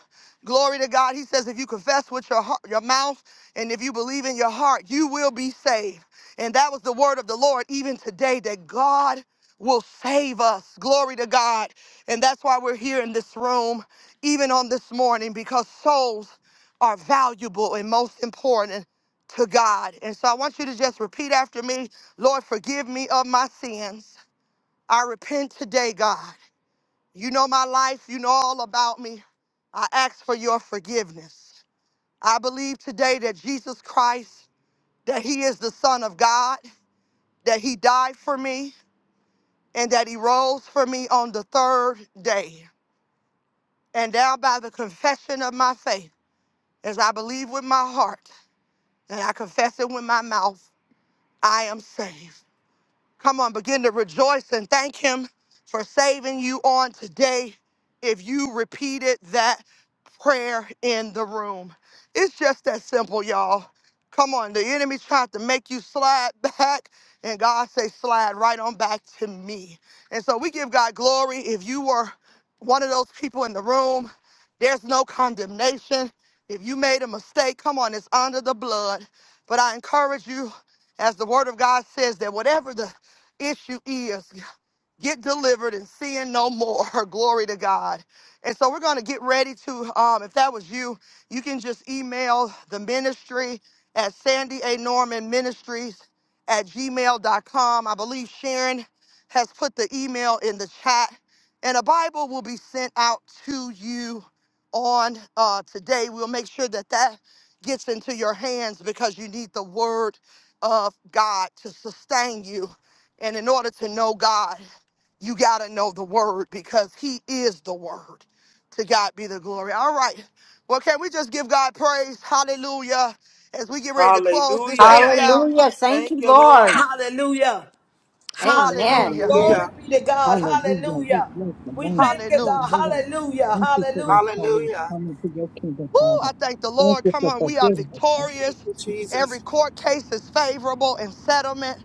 glory to God. He says, if you confess with your heart, your mouth and if you believe in your heart, you will be saved. And that was the word of the Lord even today that God will save us. Glory to God. And that's why we're here in this room, even on this morning, because souls are valuable and most important to God. And so I want you to just repeat after me Lord, forgive me of my sins. I repent today, God. You know my life. You know all about me. I ask for your forgiveness. I believe today that Jesus Christ, that he is the Son of God, that he died for me, and that he rose for me on the third day. And now, by the confession of my faith, as I believe with my heart and I confess it with my mouth, I am saved. Come on, begin to rejoice and thank Him for saving you on today if you repeated that prayer in the room. It's just that simple, y'all. Come on, the enemy tried to make you slide back, and God say, slide right on back to me. And so we give God glory. If you were one of those people in the room, there's no condemnation. If you made a mistake, come on, it's under the blood. But I encourage you, as the word of God says, that whatever the issue is get delivered and sin no more. Glory to God. And so we're going to get ready to, um, if that was you, you can just email the ministry at Sandy A. Norman Ministries at gmail dot com. I believe Sharon has put the email in the chat, and a Bible will be sent out to you on uh, today. We'll make sure that that gets into your hands because you need the word of God to sustain you. And in order to know God you got to know the word because he is the word. To God be the glory. All right. Well, can we just give God praise? Hallelujah. As we get ready to close this
Hallelujah.
thing out.
Hallelujah. Thank
Thank
you,
you, Lord.
Lord.
Hallelujah.
for
Hallelujah.
the
Amen.
Hallelujah.
healing.
Glory
Hallelujah.
be to God.
Hallelujah. We
Hallelujah.
bless the
We
name.
thank you,
Thank you,
Hallelujah.
God.
Lord.
Hallelujah.
Thank you for
Hallelujah.
this Father. It's
Hallelujah.
Coming to your kingdom,
Woo,
Father.
I thank the
Thank
Lord.
you
Come
for
on, we are
forgiveness. Father.
Thank
victorious.
you,
Every
Jesus.
court case is favorable and settlement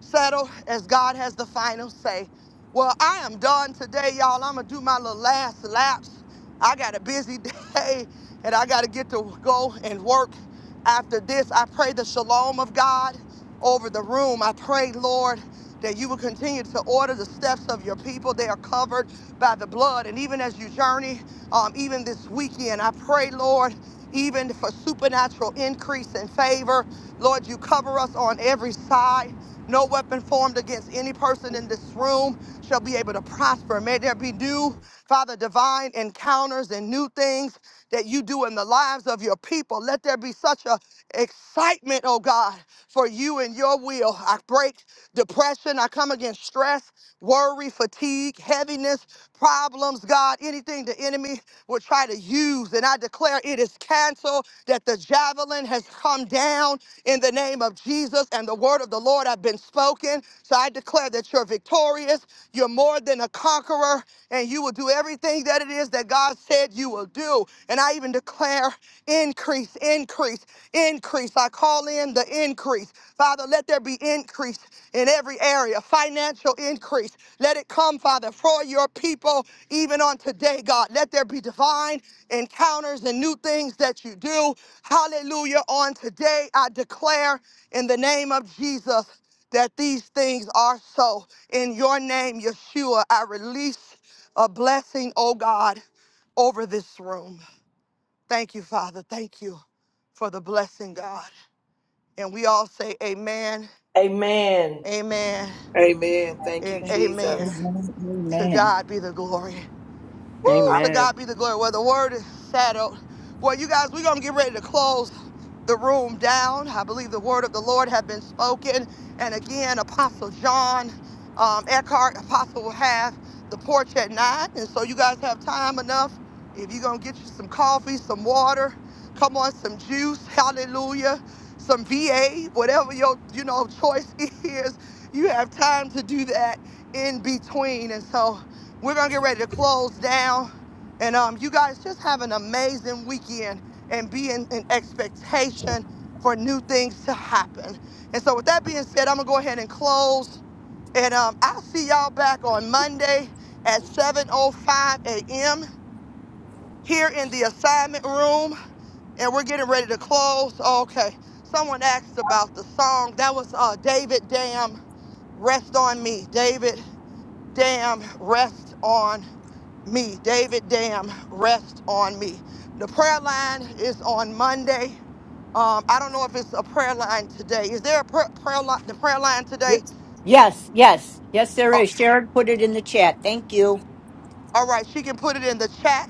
settled as God has the final say. Well, I am done today, y'all. I'm gonna do my little last laps. I got a busy day and I gotta get to go and work. After this, I pray the shalom of God over the room. I pray, Lord, that you will continue to order the steps of your people. They are covered by the blood. And even as you journey, um, even this weekend. I pray, Lord, even for supernatural increase and favor. Lord, you cover us on every side. No weapon formed against any person in this room shall be able to prosper. May there be new, Father, divine encounters and new things that you do in the lives of your people. Let there be such a excitement, oh God, for you and your will. I break depression. I come against stress, worry, fatigue, heaviness, problems, God, anything the enemy would try to use. And I declare it is canceled, that the javelin has come down in the name of Jesus, and the word of the Lord have been spoken. So I declare that you're victorious. You're more than a conqueror, and you will do everything that it is that God said you will do. And I even declare increase, increase, increase. I call in the increase. Father, let there be increase in every area, financial increase. Let it come, Father, for your people, even on today, God. Let there be divine encounters and new things that you do. Hallelujah. On today, I declare in the name of Jesus that these things are so. In your name, Yeshua, I release a blessing, oh God, over this room. Thank you, Father. Thank you for the blessing, God. And we all say amen,
Amen.
amen,
Amen. Thank you,
and
Amen.
amen.
Jesus.
Amen.
To
Amen.
Amen.
God be the glory. Woo, to
Amen.
God be the glory. Well, the word is settled. Boy, you guys, we're going to get ready to close the room down. I believe the word of the Lord had been spoken. And again, Apostle John um, Eckhart, Apostle will have the porch at nine. And so you guys have time enough. If you're going to get you some coffee, some water, come on, some juice, hallelujah, some VA, whatever your, you know, choice is, you have time to do that in between. And so we're gonna get ready to close down. And um, you guys just have an amazing weekend and be in, in expectation for new things to happen. And so with that being said, I'm gonna go ahead and close. And um, I'll see y'all back on Monday at 7.05 a.m. here in the assignment room. And we're getting ready to close. Okay. Someone asked about the song. That was uh, David Damn Rest on Me. David Damn Rest on me. David, damn, rest on me. The prayer line is on Monday. Um, I don't know if it's a prayer line today. Is there a pr- prayer line? The prayer line today?
Yes, yes, yes, yes there is.
Okay.
Sharon put it in the chat. Thank you.
All right. She can put it in the chat.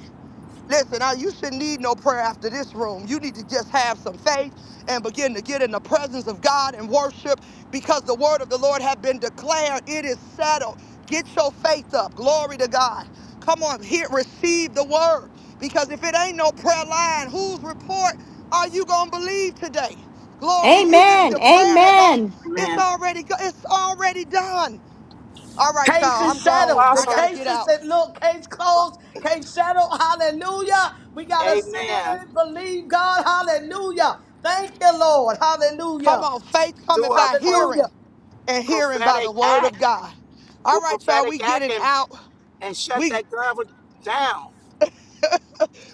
Listen, I, you shouldn't need no prayer after this room. You need to just have some faith and begin to get in the presence of God and worship because the word of the Lord have been declared. It is settled. Get your faith up. Glory to God. Come on, here, receive the word because if it ain't no prayer line, whose report are you going to believe today? Glory, you it-
Amen.
the prayer has all
Amen.
it's
Amen.
already go- it's already done. All right,
Case
y'all, I'm
is
gone.
settled. The
I got
Apostle.
to get
case is
out.
said, look, case closed, case settled. Hallelujah. We got to sit in
Amen.
it and believe God. Hallelujah. Thank you, Lord.
Come
Hallelujah.
on, faith
do
coming
a
by
pro-
Hallelujah.
hearing and hearing by
prophetic
the word
act,
of God.
do
All
a
right, y'all, we
prophetic act
getting
and,
out.
and shut
We
that ground down.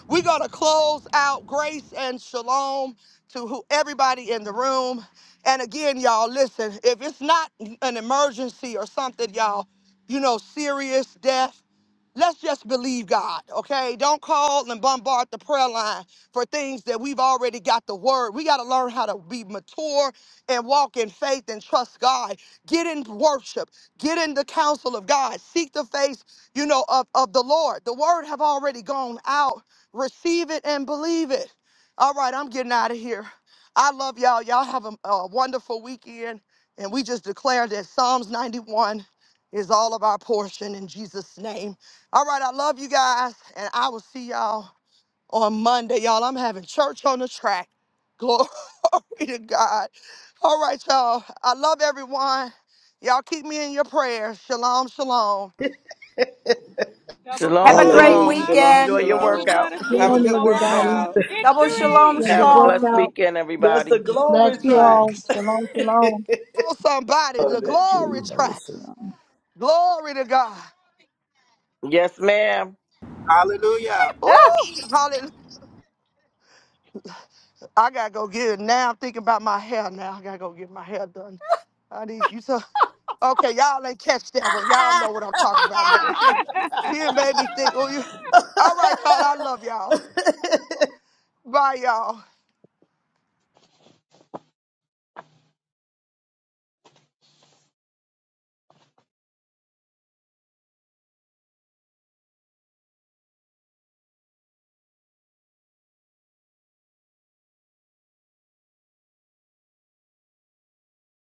we gonna close out grace and shalom to who everybody in the room. And again, y'all, listen, if it's not an emergency or something, y'all, you know, serious death. Let's just believe God, okay? Don't call and bombard the prayer line for things that we've already got the word. We got to learn how to be mature and walk in faith and trust God. Get in worship, get in the counsel of God, seek the face, you know, of, of the Lord. The word have already gone out. Receive it and believe it. All right, I'm getting out of here. I love y'all. Y'all have a, a wonderful weekend. And we just declare that Psalms 91 is all of our portion in Jesus' name. All right, I love you guys, and I will see y'all on Monday. Y'all, I'm having church on the track. Glory to God. All right, y'all. I love everyone. Y'all keep me in your prayers. Shalom, shalom.
Double
Have
Shalom,
a great
shalom.
Hallelujah.
shalom.
Love
Shalom,
you.
Enjoy
weekend.
your
Pleading the
shalom.
blood
workout.
of
Have a
Jesus
Shalom,
good
over all of
everybody.
us.
workout.
Double shalom,
Victory.
Let
Have
your
a
work
shalom.
blessed
out.
weekend,
That's
everybody.
the
Bless
glory
you
Amen.
all.
track.
Shalom, shalom.
Oh, somebody,
Oh,
the
that
glory
Jesus.
tracks. Glory to God.
Yes, ma'am.
Hallelujah.
Ooh, hallelujah. I gotta go get it now. I'm thinking about my hair now. I gotta go get my hair done. I need you to. Okay, y'all ain't catch that one. Y'all know what I'm talking about now. She, she done made me think. Oh, you. All right, y'all. I love y'all. Bye, y'all.